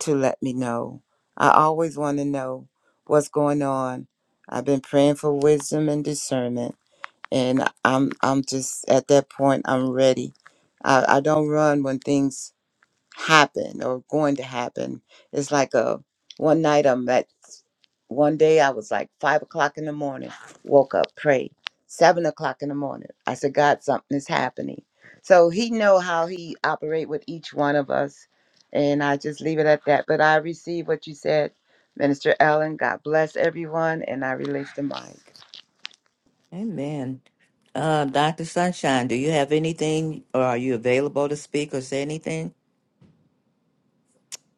[SPEAKER 5] to let me know. I always want to know what's going on. I've been praying for wisdom and discernment, and I'm I'm just at that point. I'm ready. I, I don't run when things happen or going to happen. It's like a one night I'm at one day I was like five o'clock in the morning, woke up, prayed. Seven o'clock in the morning. I said, God, something is happening. So he know how he operate with each one of us. And I just leave it at that. But I receive what you said, Minister Allen. God bless everyone. And I release the mic.
[SPEAKER 1] Amen. Uh, Dr. Sunshine, do you have anything or are you available to speak or say anything?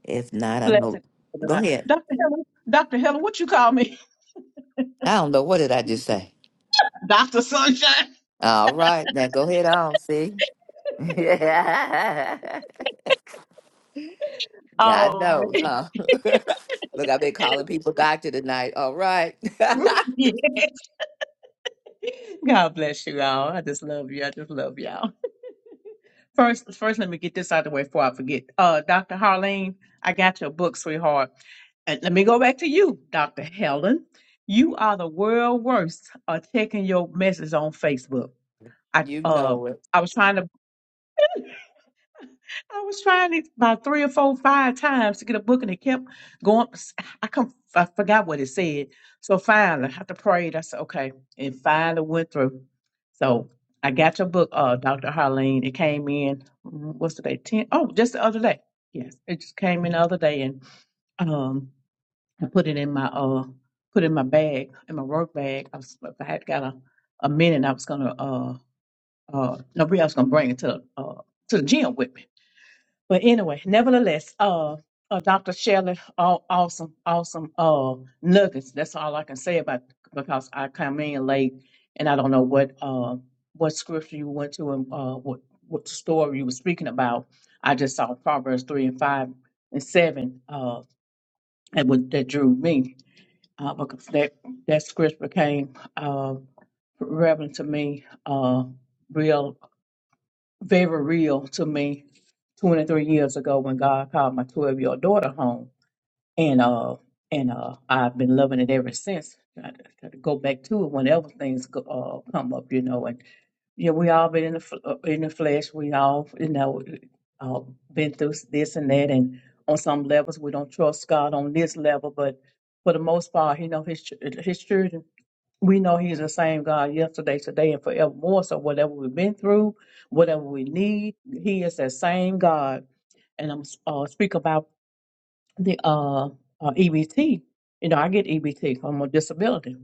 [SPEAKER 1] If not, I know.
[SPEAKER 7] Blessing.
[SPEAKER 1] Go ahead.
[SPEAKER 7] Dr. Helen, Dr. Helen, what you call me?
[SPEAKER 1] I don't know. What did I just say?
[SPEAKER 7] Dr. Sunshine?
[SPEAKER 1] All right. Now go ahead on, see? God
[SPEAKER 7] Oh,
[SPEAKER 1] knows,
[SPEAKER 7] man.
[SPEAKER 1] huh? Look, I've been calling people doctor tonight. All right.
[SPEAKER 7] yes. God bless you all. I just love you. I just love y'all. First, first, let me get this out of the way before I forget. Uh, Dr. Harlene, I got your book, sweetheart. And let me go back to you, Dr. Helen. You are the world worst at taking your message on Facebook. I
[SPEAKER 1] you
[SPEAKER 7] uh
[SPEAKER 1] know it.
[SPEAKER 7] I was trying to I was trying it about three or four, five times to get a book, and it kept going. I come, I forgot what it said. So finally, after prayed, I said, "Okay," and finally went through. So I got your book, uh, Doctor Harleen. It came in. mm, What's today? Ten? Oh, just the other day. Yes, it just came in the other day, and um, I put it in my uh, put it in my bag, in my work bag. I was, if I had got a a minute, I was gonna uh, uh, nobody else gonna bring it to uh to the gym with me. But anyway, nevertheless, uh, uh Dr. Shelley, all awesome, awesome uh nuggets. That's all I can say about because I come in late and I don't know what uh what scripture you went to and uh what what story you were speaking about. I just saw Proverbs three and five and seven uh that would that drew me uh because that that scripture became uh relevant to me uh real very real to me 23 years ago when God called my 12 year old daughter home. And uh, and uh, I've been loving it ever since. I got to go back to it whenever things go, uh, come up, you know. And yeah, we all been in the fl- uh, in the flesh. We all, you know, uh, been through this and that. And on some levels, we don't trust God on this level, but for the most part, you know, his ch- his children we know he's the same God yesterday, today, and forevermore. So whatever we've been through, whatever we need, he is that same God. And I'm uh, speak about the uh, uh, EBT. You know, I get EBT. I'm a disability.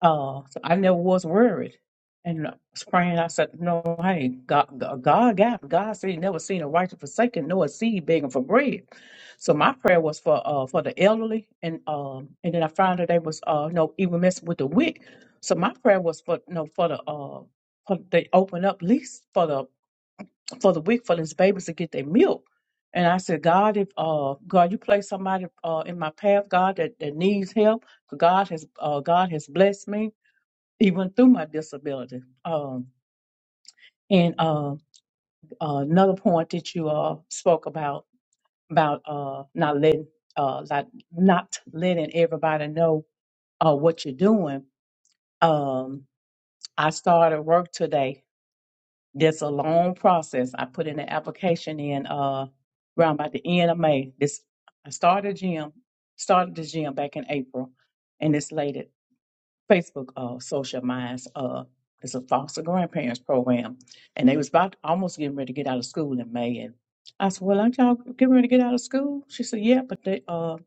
[SPEAKER 7] Uh, so I never was worried. And uh, praying, I said, No, hey, God, God, God, got- God said, He never seen a righteous forsaken, nor a seed begging for bread. So my prayer was for uh for the elderly, and um and then I found that they was uh no even messing with the wick. So my prayer was for no for the uh for they open up least for the for the wick for these babies to get their milk. And I said, God, if uh God, you place somebody uh in my path, God that that needs help, God has uh God has blessed me even through my disability. Um, and uh, another point that you uh, spoke about about uh, not letting uh, like not letting everybody know uh, what you're doing. Um, I started work today. That's a long process. I put in an application in uh, around by the end of May. This I started gym, started the gym back in April, and it's late. Facebook uh, Social Minds. Uh, it's a foster grandparents program, and they was about almost getting ready to get out of school in May. And I said, "Well, aren't y'all getting ready to get out of school?" She said, "Yeah, but they, uh,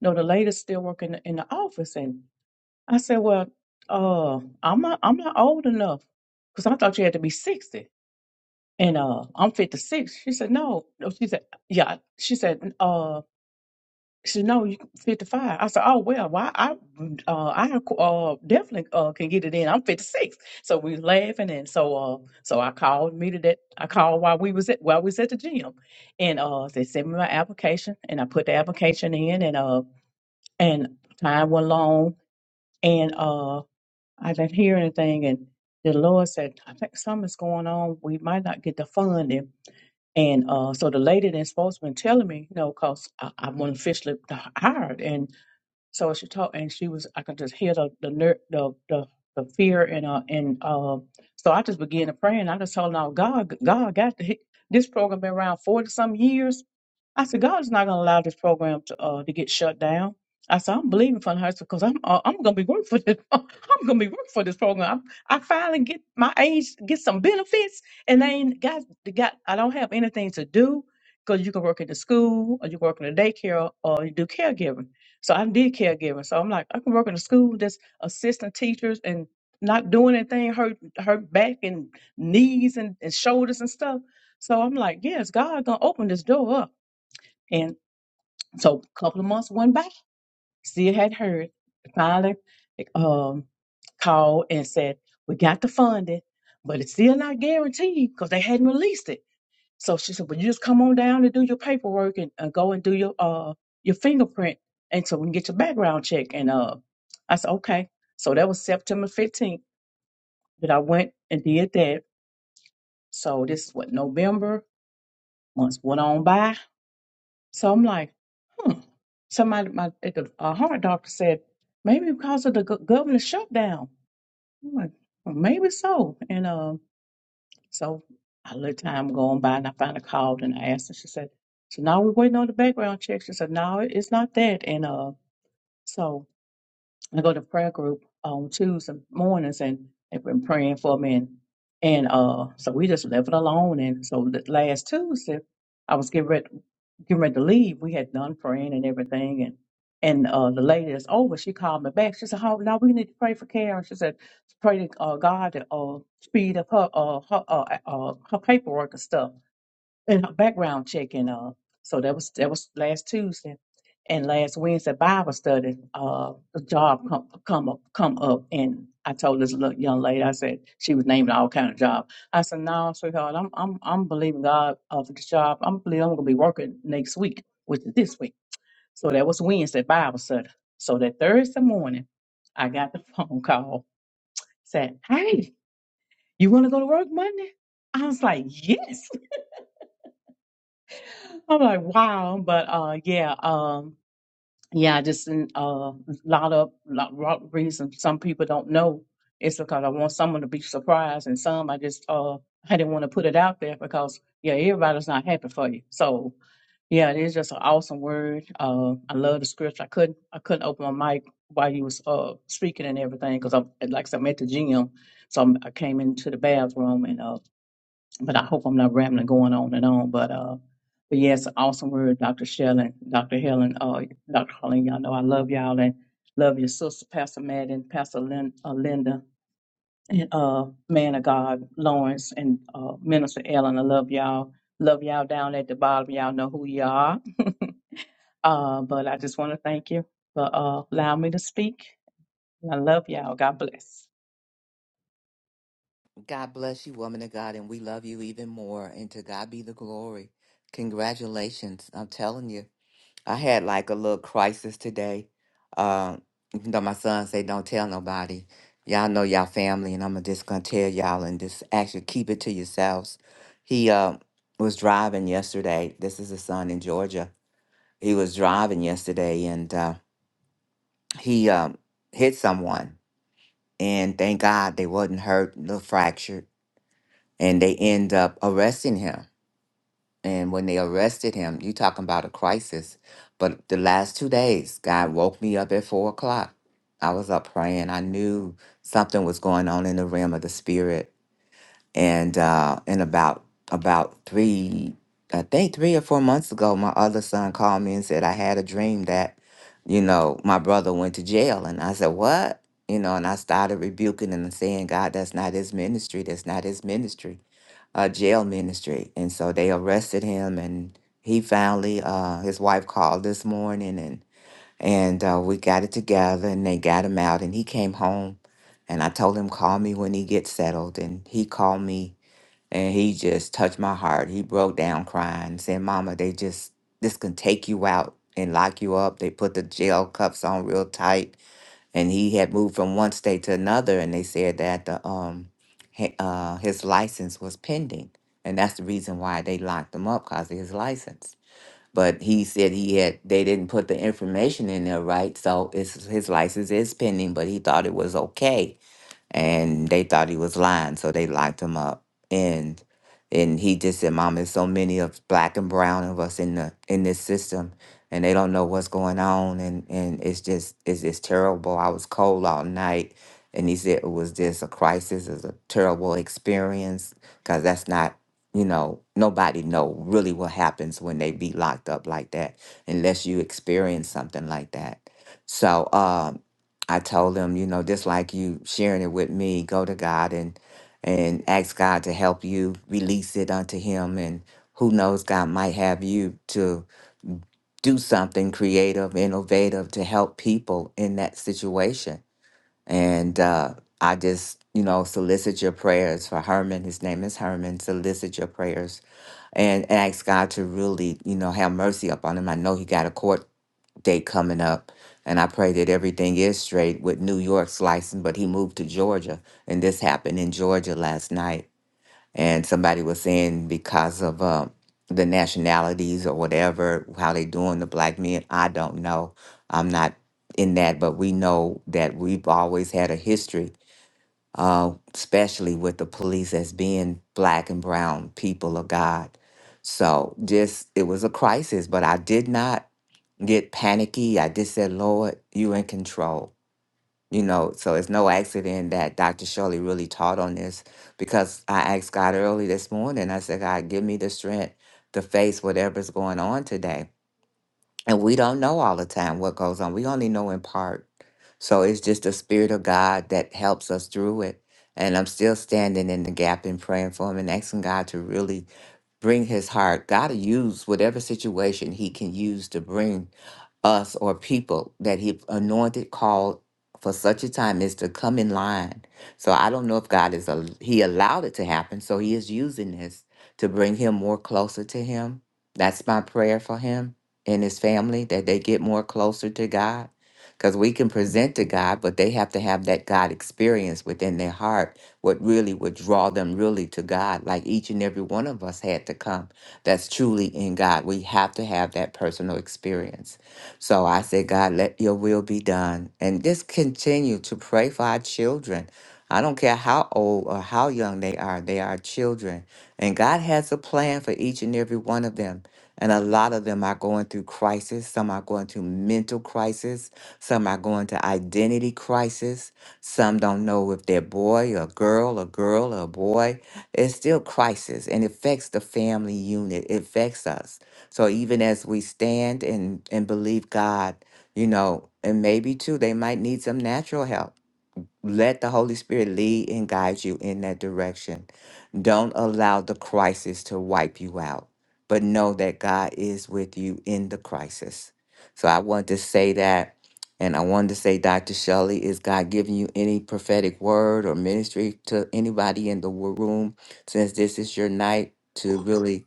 [SPEAKER 7] no, the lady's still working in the, in the office." And I said, "Well, uh, I'm not, I'm not old enough because I thought you had to be 60. And uh, I'm 56." She said, "No, no." She said, "Yeah." She said, "Uh." She said, no, you 55." I said, oh, well, why I, uh, I, uh, definitely, uh, can get it in. I'm 56." So we was laughing. And so, uh, so I called me to that. I called while we was at, while we was at the gym and, uh, they sent me my application and I put the application in and, uh, and time went long and, uh, I didn't hear anything. And the Lord said, I think something's going on. We might not get the funding. And, uh, so the lady that's supposed to been telling me, you know, cause I, I wasn't officially hired. And, so she talked, and she was. I could just hear the the ner- the the, the fear and uh and uh. So I just began to pray, and I just told her, "No, God, God got the, this program been around forty some years. I said, God is not going to allow this program to uh, to get shut down. I said, I'm believing for the high because I'm uh, I'm going to be working for this. I'm going to be working for this program. i I finally get my age, get some benefits, and I ain't got got. I don't have anything to do because you can work at the school or you work in the daycare or you do caregiving. So I did caregiving. So I'm like, I can work in the school, just assisting teachers and not doing anything, hurt hurt back and knees and, and shoulders and stuff. So I'm like, yes, God gonna open this door up. And so a couple of months went by, still hadn't heard. Finally, um, called and said, We got the funding, but it's still not guaranteed because they hadn't released it. So she said, Well, you just come on down and do your paperwork and, and go and do your uh your fingerprint and so we can get your background check. And uh I said, Okay. So that was September 15th that I went and did that. So this is what November, months went on by So I'm like, hmm. So my, my at the uh, heart doctor said, maybe because of the go- government shutdown. I'm like, well, maybe so. And um, so I let time go on by and I finally called and I asked and she said, so now we're waiting on the background check. She said, no, it- it's not that. And uh, so I go to prayer group on Tuesday mornings and they've been praying for me. And, and uh, so we just left it alone. And so th- last Tuesday, I was getting ready getting ready to leave, we had done praying and everything, and and uh, the lady that's over, she called me back. She said, "Oh, now we need to pray for Karen." She said, "Pray to uh, God to uh, speed up her uh, her uh, uh, her paperwork and stuff." and a background check and uh so that was that was last Tuesday and last Wednesday Bible study uh a job come come up come up and I told this little young lady I said she was naming all kind of job I said no sweetheart I'm I'm I'm believing God uh, for this job I'm believe I'm gonna be working next week which is this week so that was Wednesday Bible study so that Thursday morning I got the phone call said hey you want to go to work Monday I was like yes I'm like, wow, but uh, yeah, um, yeah, just a uh, lot of lot, lot of reasons. Some people don't know. It's because I want someone to be surprised, and some I just uh, I didn't want to put it out there because yeah, everybody's not happy for you. So yeah, it is just an awesome word. Uh, I love the scripture. I couldn't I couldn't open my mic while you was uh speaking and everything because I'm like I said, I'm at the gym, so I'm, I came into the bathroom and uh but I hope I'm not rambling, going on and on. But uh, but yes, awesome word, Dr. Shelley, Dr. Helen, uh, Dr. Harlan. Y'all know I love y'all and love your sister, Pastor Madden, Pastor Lin, uh, Linda, and uh, man of God, Lawrence, and uh, Minister Ellen. I love y'all. Love y'all down at the bottom. Y'all know who you are. uh, but I just want to thank you for uh, allowing me to speak. And I love y'all. God bless.
[SPEAKER 1] God bless you, woman of God, and we love you even more. And to God be the glory. Congratulations. I'm telling you. I had like a little crisis today. Um, even though my son say, don't tell nobody. Y'all know y'all family, and I'm just going to tell y'all and just actually keep it to yourselves. He uh, was driving yesterday. This is his son in Georgia. He was driving yesterday, and uh, he um, hit someone. And thank God they wasn't hurt, a little fractured and they end up arresting him. And when they arrested him, you talking about a crisis. But the last two days, God woke me up at four o'clock. I was up praying. I knew something was going on in the realm of the spirit. And uh, and about about three, I think three or four months ago, my other son called me and said I had a dream that, you know, my brother went to jail. And I said, what? You know, and I started rebuking and saying, God, that's not his ministry. That's not his ministry uh, jail ministry, and so they arrested him. And he finally, uh, his wife called this morning, and and uh, we got it together, and they got him out, and he came home. And I told him, call me when he gets settled, and he called me, and he just touched my heart. He broke down crying, saying, "Mama, they just this can take you out and lock you up. They put the jail cuffs on real tight." and he had moved from one state to another and they said that the um hi- uh, his license was pending and that's the reason why they locked him up because of his license but he said he had they didn't put the information in there right so it's, his license is pending but he thought it was okay and they thought he was lying, so they locked him up. And and he just said, "Mom, there's so many of black and brown of us in the in this system, and they don't know what's going on, and and it's just it's just terrible. I was cold all night." And he said it was just a crisis, it was a terrible experience, because that's not, you know, nobody know really what happens when they be locked up like that, unless you experience something like that. So, um, I told him, you know, just like you sharing it with me, go to God and and ask God to help you release it unto him and who knows God might have you to do something creative, innovative to help people in that situation. And uh, I just, you know, solicit your prayers for Herman. His name is Herman. Solicit your prayers and ask God to really, you know, have mercy upon him. I know he got a court day coming up. And I pray that everything is straight with New York's license, but he moved to Georgia. And this happened in Georgia last night. And somebody was saying because of uh, the nationalities or whatever, how they doing the black men, I don't know. I'm not in that, but we know that we've always had a history uh, especially with the police as being black and brown people of God. So just it was a crisis, but I did not get panicky. I just said, Lord, you in control. You know, so it's no accident that Dr. Shirley really taught on this because I asked God early this morning. I said, God, give me the strength to face whatever's going on today. And we don't know all the time what goes on. We only know in part. So it's just the Spirit of God that helps us through it. And I'm still standing in the gap and praying for him and asking God to really bring his heart. God will use whatever situation he can use to bring us or people that he anointed, called for such a time is to come in line. So I don't know if God is, a, he allowed it to happen. So he is using this to bring him more closer to him. That's my prayer for him and his family, that they get more closer to God because we can present to God, but they have to have that God experience within their heart, what really would draw them really to God, like each and every one of us had to come. That's truly in God. We have to have that personal experience. So I said, God, let your will be done. And just continue to pray for our children. I don't care how old or how young they are, they are children. And God has a plan for each and every one of them. And a lot of them are going through crisis. Some are going through mental crisis. Some are going to identity crisis. Some don't know if they're boy or girl or girl or boy. It's still crisis and it affects the family unit. It affects us. So even as we stand and, and believe God, you know, and maybe too, they might need some natural help let the Holy Spirit lead and guide you in that direction. Don't allow the crisis to wipe you out, but know that God is with you in the crisis. So I wanted to say that. And I wanted to say, Dr. Shelley, is God giving you any prophetic word or ministry to anybody in the wo- room since this is your night to really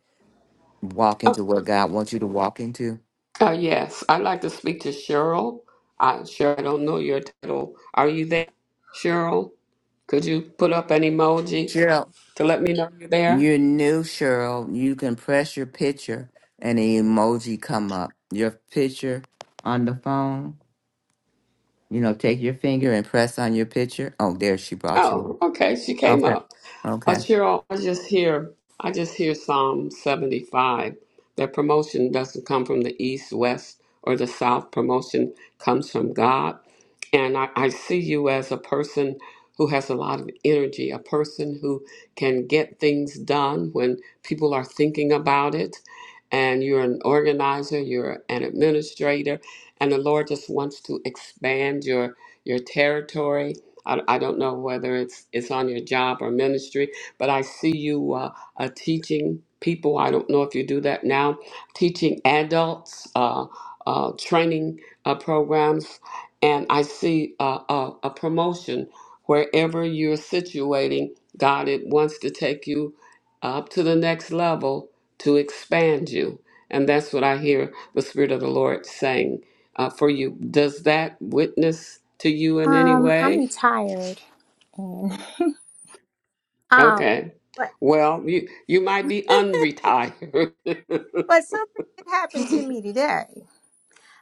[SPEAKER 1] walk
[SPEAKER 2] Oh,
[SPEAKER 1] into what God wants you to walk into?
[SPEAKER 2] uh, yes, I'd like to speak to Cheryl. I, Cheryl, I don't know your title. Are you there, Cheryl? Could you put up an emoji
[SPEAKER 1] Cheryl,
[SPEAKER 2] to let me know you're there?
[SPEAKER 1] You're new, Cheryl. You can press your picture and the emoji come up. Your picture on the phone. You know, take your finger and press on your picture. Oh, there she brought you
[SPEAKER 2] Oh, okay. She
[SPEAKER 1] up.
[SPEAKER 2] came
[SPEAKER 1] Okay.
[SPEAKER 2] up. Uh,
[SPEAKER 1] Okay.
[SPEAKER 2] Cheryl, I just hear, I just hear Psalm 75. That promotion doesn't come from the east, west, or the south. Promotion comes from God. And I, I see you as a person who has a lot of energy, a person who can get things done when people are thinking about it. And you're an organizer, you're an administrator, and the Lord just wants to expand your your territory I, I don't know whether it's it's on your job or ministry, but I see you uh, uh, teaching people. I don't know if you do that now, teaching adults, uh, uh, training uh, programs, and I see uh, a, a promotion wherever you're situating. God, it wants to take you up to the next level to expand you, and that's what I hear the Spirit of the Lord saying uh, for you. Does that witness to you in any
[SPEAKER 8] Um, I'm
[SPEAKER 2] way?
[SPEAKER 8] retired and um
[SPEAKER 2] Okay.
[SPEAKER 8] but
[SPEAKER 2] Well, you you might be unretired.
[SPEAKER 8] but something did happen to me today.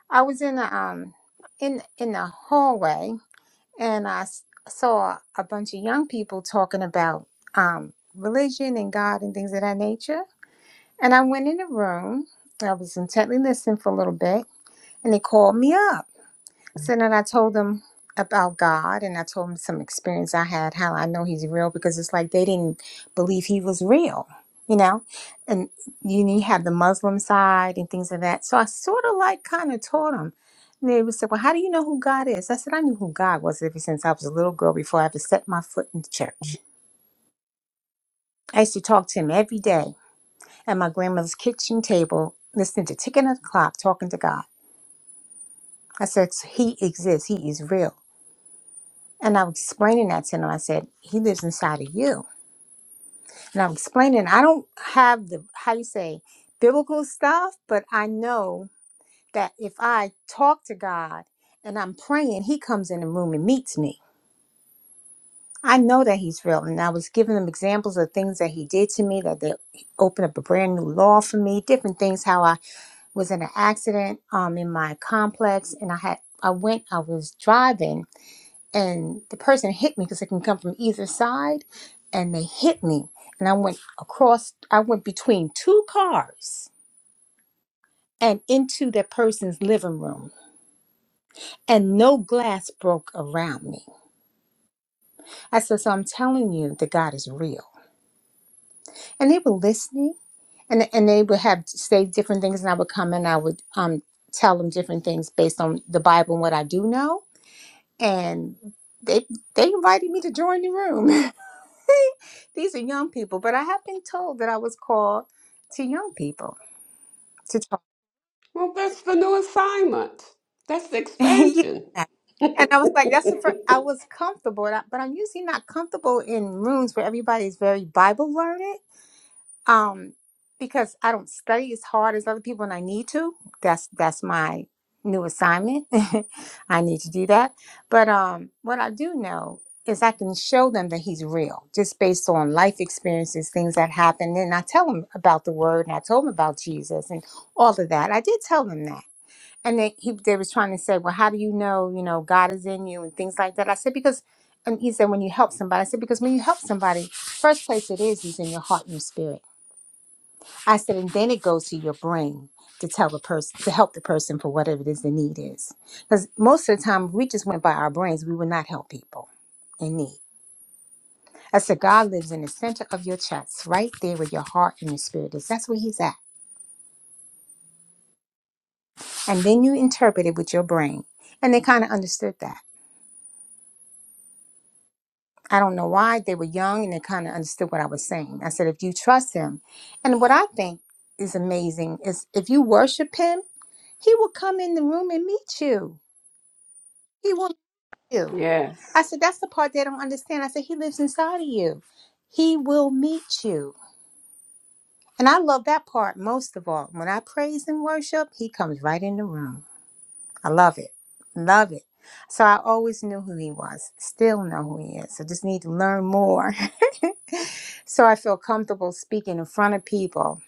[SPEAKER 8] I was in the um in in the hallway and I s- saw a bunch of young people talking about um religion and God and things of that nature. And I went in the room. I was intently listening for a little bit and they called me up. So then I told them about God and I told them some experience I had, how I know he's real, because it's like they didn't believe he was real, you know? And you, you have the Muslim side and things of that. So I sort of like kind of taught them. And they would say, Well, how do you know who God is? I said, I knew who God was ever since I was a little girl before I ever set my foot in the church. I used to talk to him every day at my grandmother's kitchen table, listening to ticking of the clock, talking to God. I said, He exists, He is real. And I'm explaining that to him. I said, He lives inside of you. And I'm explaining, I don't have the, how you say, biblical stuff, but I know that if I talk to God and I'm praying, He comes in the room and meets me. I know that He's real. And I was giving him examples of things that He did to me, that they opened up a brand new law for me, different things, how I was in an accident um, in my complex and I had. I went, I was driving and the person hit me because it can come from either side and they hit me and i went across i went between two cars and into that person's living room and no glass broke around me i said so i'm telling you that god is real and they were listening and, and they would have say different things and i would come and i would um, tell them different things based on the bible and what i do know and they they invited me to join the room These are young people, but I have been told that I was called to young people to talk.
[SPEAKER 2] well, that's the new assignment. That's the
[SPEAKER 8] yeah.
[SPEAKER 2] expansion.
[SPEAKER 8] And I was like, that's the first, I was comfortable, and I- but I'm usually not comfortable in rooms where everybody's very Bible learned. um because i don't study as hard as other people and i need to that's that's my new assignment i need to do that but um what i do know is i can show them that he's real just based on life experiences things that happen and i tell them about the word and i told them about jesus and all of that i did tell them that and they he they was trying to say well how do you know you know god is in you and things like that i said because and he said when you help somebody i said because when you help somebody first place it is is in your heart and your spirit I said, and then it goes to your brain to tell the person to help the person for whatever it is the need is. Because most of the time, if we just went by our brains, we would not help people in need. I said, God lives in the center of your chest, right there where your heart and your spirit is. That's where He's at. And then you interpret it with your brain. And they kind of understood that. I don't know why. They were young and they kind of understood what I was saying. I said, if you trust Him, and what I think is amazing is if you worship Him, He will come in the room and meet you. He will meet you. I
[SPEAKER 2] Yes.
[SPEAKER 8] said, that's the part they don't understand. I said, he lives inside of you. He will meet you. And I love that part most of all. When I praise and worship, he comes right in the room. I love it. Love it. So I always knew who he was, still know who he is. I just need to learn more. So I feel comfortable speaking in front of people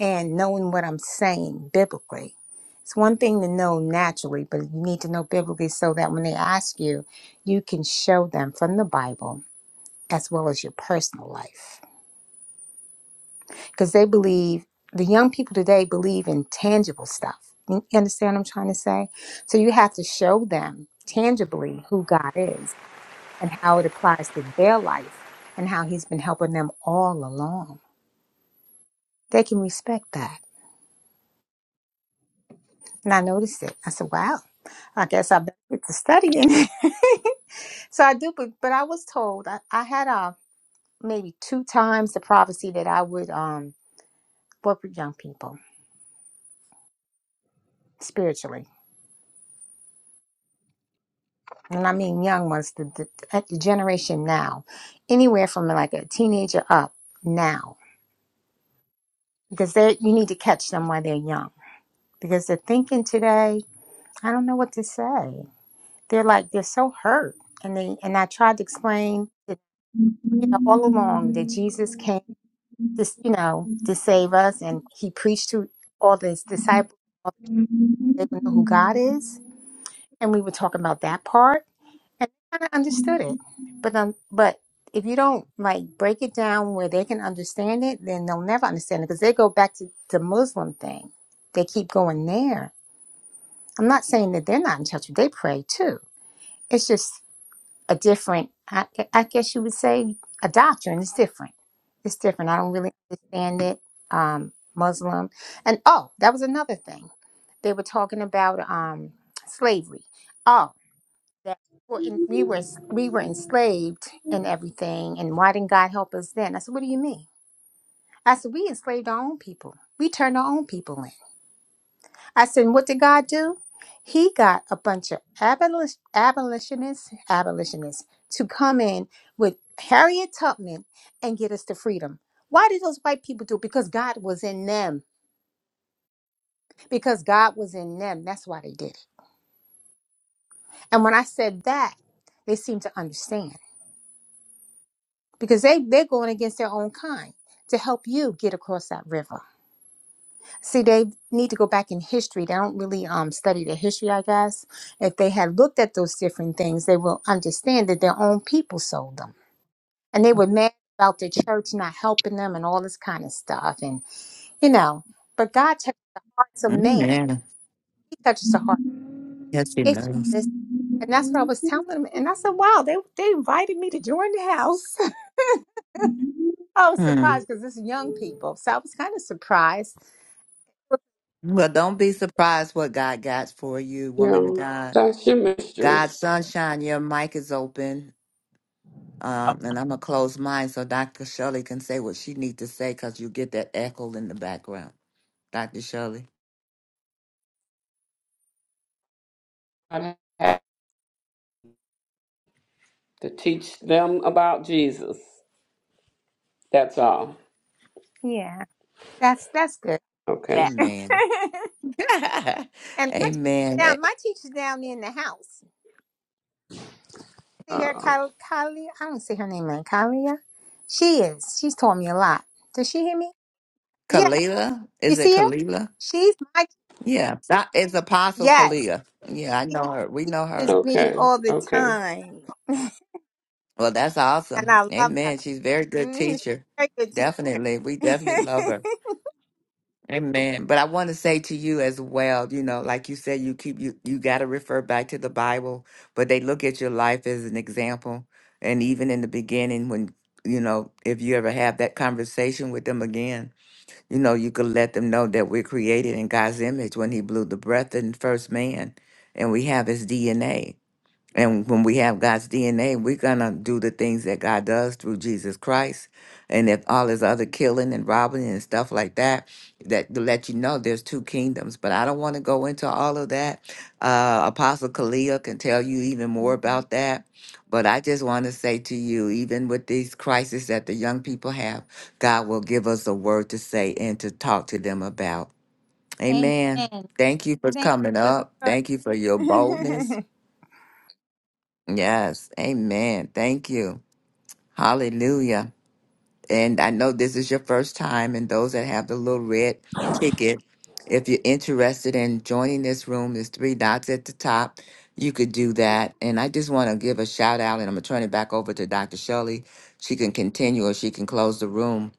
[SPEAKER 8] and knowing what I'm saying biblically. It's one thing to know naturally, but you need to know biblically so that when they ask you, you can show them from the Bible as well as your personal life. Because they believe, the young people today believe in tangible stuff. You understand what I'm trying to say? So you have to show them tangibly who God is and how it applies to their life and how He's been helping them all along. They can respect that. And I noticed it. I said, wow, I guess I better get to studying. so I do, but, but I was told I, I had uh, maybe two times the prophecy that I would um, work with young people spiritually and I mean young ones, the, the, at the generation now, anywhere from like a teenager up now, because they you need to catch them while they're young. Because they're thinking today, I don't know what to say. They're like they're so hurt, and they and I tried to explain that you know all along that Jesus came this you know to save us, and he preached to all his disciples. They would know who God is, and we were talking about that part and they kind of understood it. But um, but if you don't like break it down where they can understand it, then they'll never understand it because they go back to the Muslim thing. They keep going there. I'm not saying that they're not in touch. with. They pray too. It's just a different. I, I guess you would say a doctrine. It's different. It's different. I don't really understand it. Um, Muslim, and oh, that was another thing. They were talking about um slavery. Oh that were in, we were we were enslaved and everything, and why didn't God help us then? I said, what do you mean? I said, we enslaved our own people. We turned our own people in. I said, and what did God do? He got a bunch of abolish, abolitionists, abolitionists to come in with Harriet Tubman and get us to freedom. Why did those white people do it? Because God was in them. Because God was in them. That's why they did it. And when I said that, they seemed to understand. because they they're going against their own kind to help you get across that river. See, they need to go back in history. They don't really um study the history, I guess. If they had looked at those different things, they will understand that their own people sold them, and they were mad about the church not helping them and all this kind of stuff. And you know, but God touches the hearts of man.
[SPEAKER 1] Amen.
[SPEAKER 8] He touches the heart
[SPEAKER 1] Yes, she
[SPEAKER 8] if you
[SPEAKER 1] does.
[SPEAKER 8] listen. And that's what I was telling them. And I said, "Wow, they they invited me to join the house." I was
[SPEAKER 1] Hmm.
[SPEAKER 8] surprised because it's young people. So I was kind of surprised
[SPEAKER 1] Well, don't be surprised what God got for you,
[SPEAKER 2] You
[SPEAKER 1] woman of
[SPEAKER 2] know,
[SPEAKER 1] God.
[SPEAKER 2] that's your mystery.
[SPEAKER 1] God, sunshine, your mic is open. Um, and I'm going to close mine so Dr. Shirley can say what she needs to say because you get that echo in the background. Dr. Shirley.
[SPEAKER 2] I have to teach them about Jesus. That's all.
[SPEAKER 8] Yeah, that's that's good.
[SPEAKER 2] Okay.
[SPEAKER 8] That.
[SPEAKER 1] Amen.
[SPEAKER 8] And my teacher's
[SPEAKER 1] Amen. Eh,
[SPEAKER 8] down. My teacher's down in the house. See her,
[SPEAKER 2] Uh,
[SPEAKER 8] Kylie. Kylie I don't see her name in Kylia. She is. She's taught me a lot. Does she hear me? Yeah.
[SPEAKER 1] Kalila? Is
[SPEAKER 8] You
[SPEAKER 1] it
[SPEAKER 8] see her?
[SPEAKER 1] Kalila?
[SPEAKER 8] She's my.
[SPEAKER 1] Yeah. That is Apostle
[SPEAKER 8] Yes.
[SPEAKER 1] Kalila. Yeah, I
[SPEAKER 8] She
[SPEAKER 1] know her. We know
[SPEAKER 8] teaches
[SPEAKER 1] her.
[SPEAKER 8] me
[SPEAKER 2] okay.
[SPEAKER 8] all the
[SPEAKER 2] Okay.
[SPEAKER 8] time,
[SPEAKER 1] Well, that's
[SPEAKER 8] and
[SPEAKER 1] awesome.
[SPEAKER 8] I love her.
[SPEAKER 1] Amen. She's a very good
[SPEAKER 8] hmm She's
[SPEAKER 1] teacher.
[SPEAKER 8] a very good
[SPEAKER 1] Definitely. We definitely
[SPEAKER 8] teacher.
[SPEAKER 1] love her. Amen. But I want to say to you as well, you know, like you said, you keep you you gotta refer back to the Bible, but they look at your life as an example. And even in the beginning when you know, if you ever have that conversation with them again, You know, you could let them know that we're created in God's image when He blew the breath in first man and we have His DNA. And when we have God's DNA, we're going to do the things that God does through Jesus Christ. And if all this other killing and robbing and stuff like that, that to let you know there's two kingdoms. But I don't want to go into all of that. Uh, Apostle Kalia can tell you even more
[SPEAKER 8] Mhm.
[SPEAKER 1] about that. But I just want to say to you, even with these crises that the young people have, God will give us a word to say and to talk to them about. Amen.
[SPEAKER 8] Amen.
[SPEAKER 1] Thank you for
[SPEAKER 8] Thank you
[SPEAKER 1] coming
[SPEAKER 8] for the
[SPEAKER 1] up.
[SPEAKER 8] word.
[SPEAKER 1] Thank you for your boldness. Yes. Amen. Thank you. Hallelujah. And I know this is your first time, and those that have the little red ticket, if you're interested in joining this room, there's three dots at the top. You could do that. And I just want to give a shout out, and I'm going to turn it back over to Dr. Shelley. She can continue or she can close the room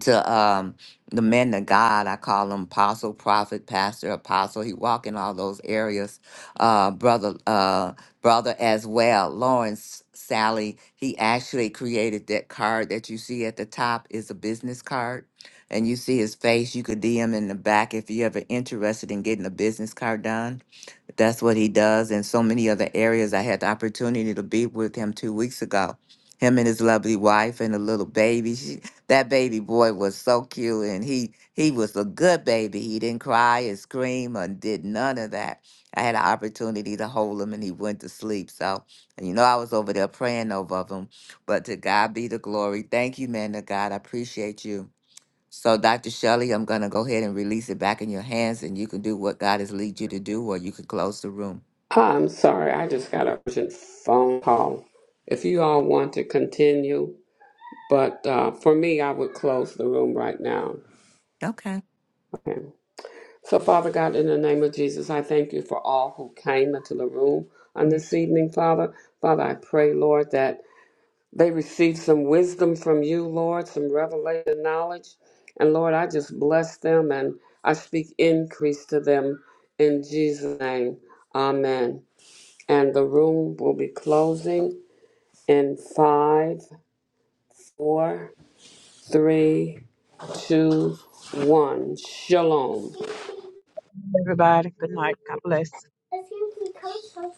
[SPEAKER 1] to um the men of God. I call him apostle, prophet, pastor, apostle. He walk in all those areas. Uh brother uh brother as well. Lawrence Sally, he actually created that card that you see at the top is a business card. And you see his face. You could DM in the back if you're ever interested in getting a business card done. That's what he does in so many other areas. I had the opportunity to be with him two weeks ago. Him and his lovely wife and a little baby. That baby boy was so cute, and he he was a good baby. He didn't cry and scream or did none of that. I had an opportunity to hold him, and he went to sleep. So, and you know, I was over there praying over him. But to God be the glory. Thank you, man. To God, I appreciate you. So, Dr. Shelley, I'm gonna go ahead and release it back in your hands, and you can do what God has lead you to do, or you can close the room.
[SPEAKER 2] Ah, I'm sorry. I just got a urgent phone call. If you all want to continue, but uh, for me, I would close the room right now.
[SPEAKER 1] Okay.
[SPEAKER 2] Okay. So, Father God, in the name of Jesus, I thank you for all who came into the room on this evening, Father. Father, I pray, Lord, that they receive some wisdom from you, Lord, some revelation knowledge. And Lord, I just bless them and I speak increase to them in Jesus' name. Amen. And the room will be closing in five, four, three, two, one. Shalom.
[SPEAKER 7] everybody. Good night. God bless.
[SPEAKER 2] If you can come,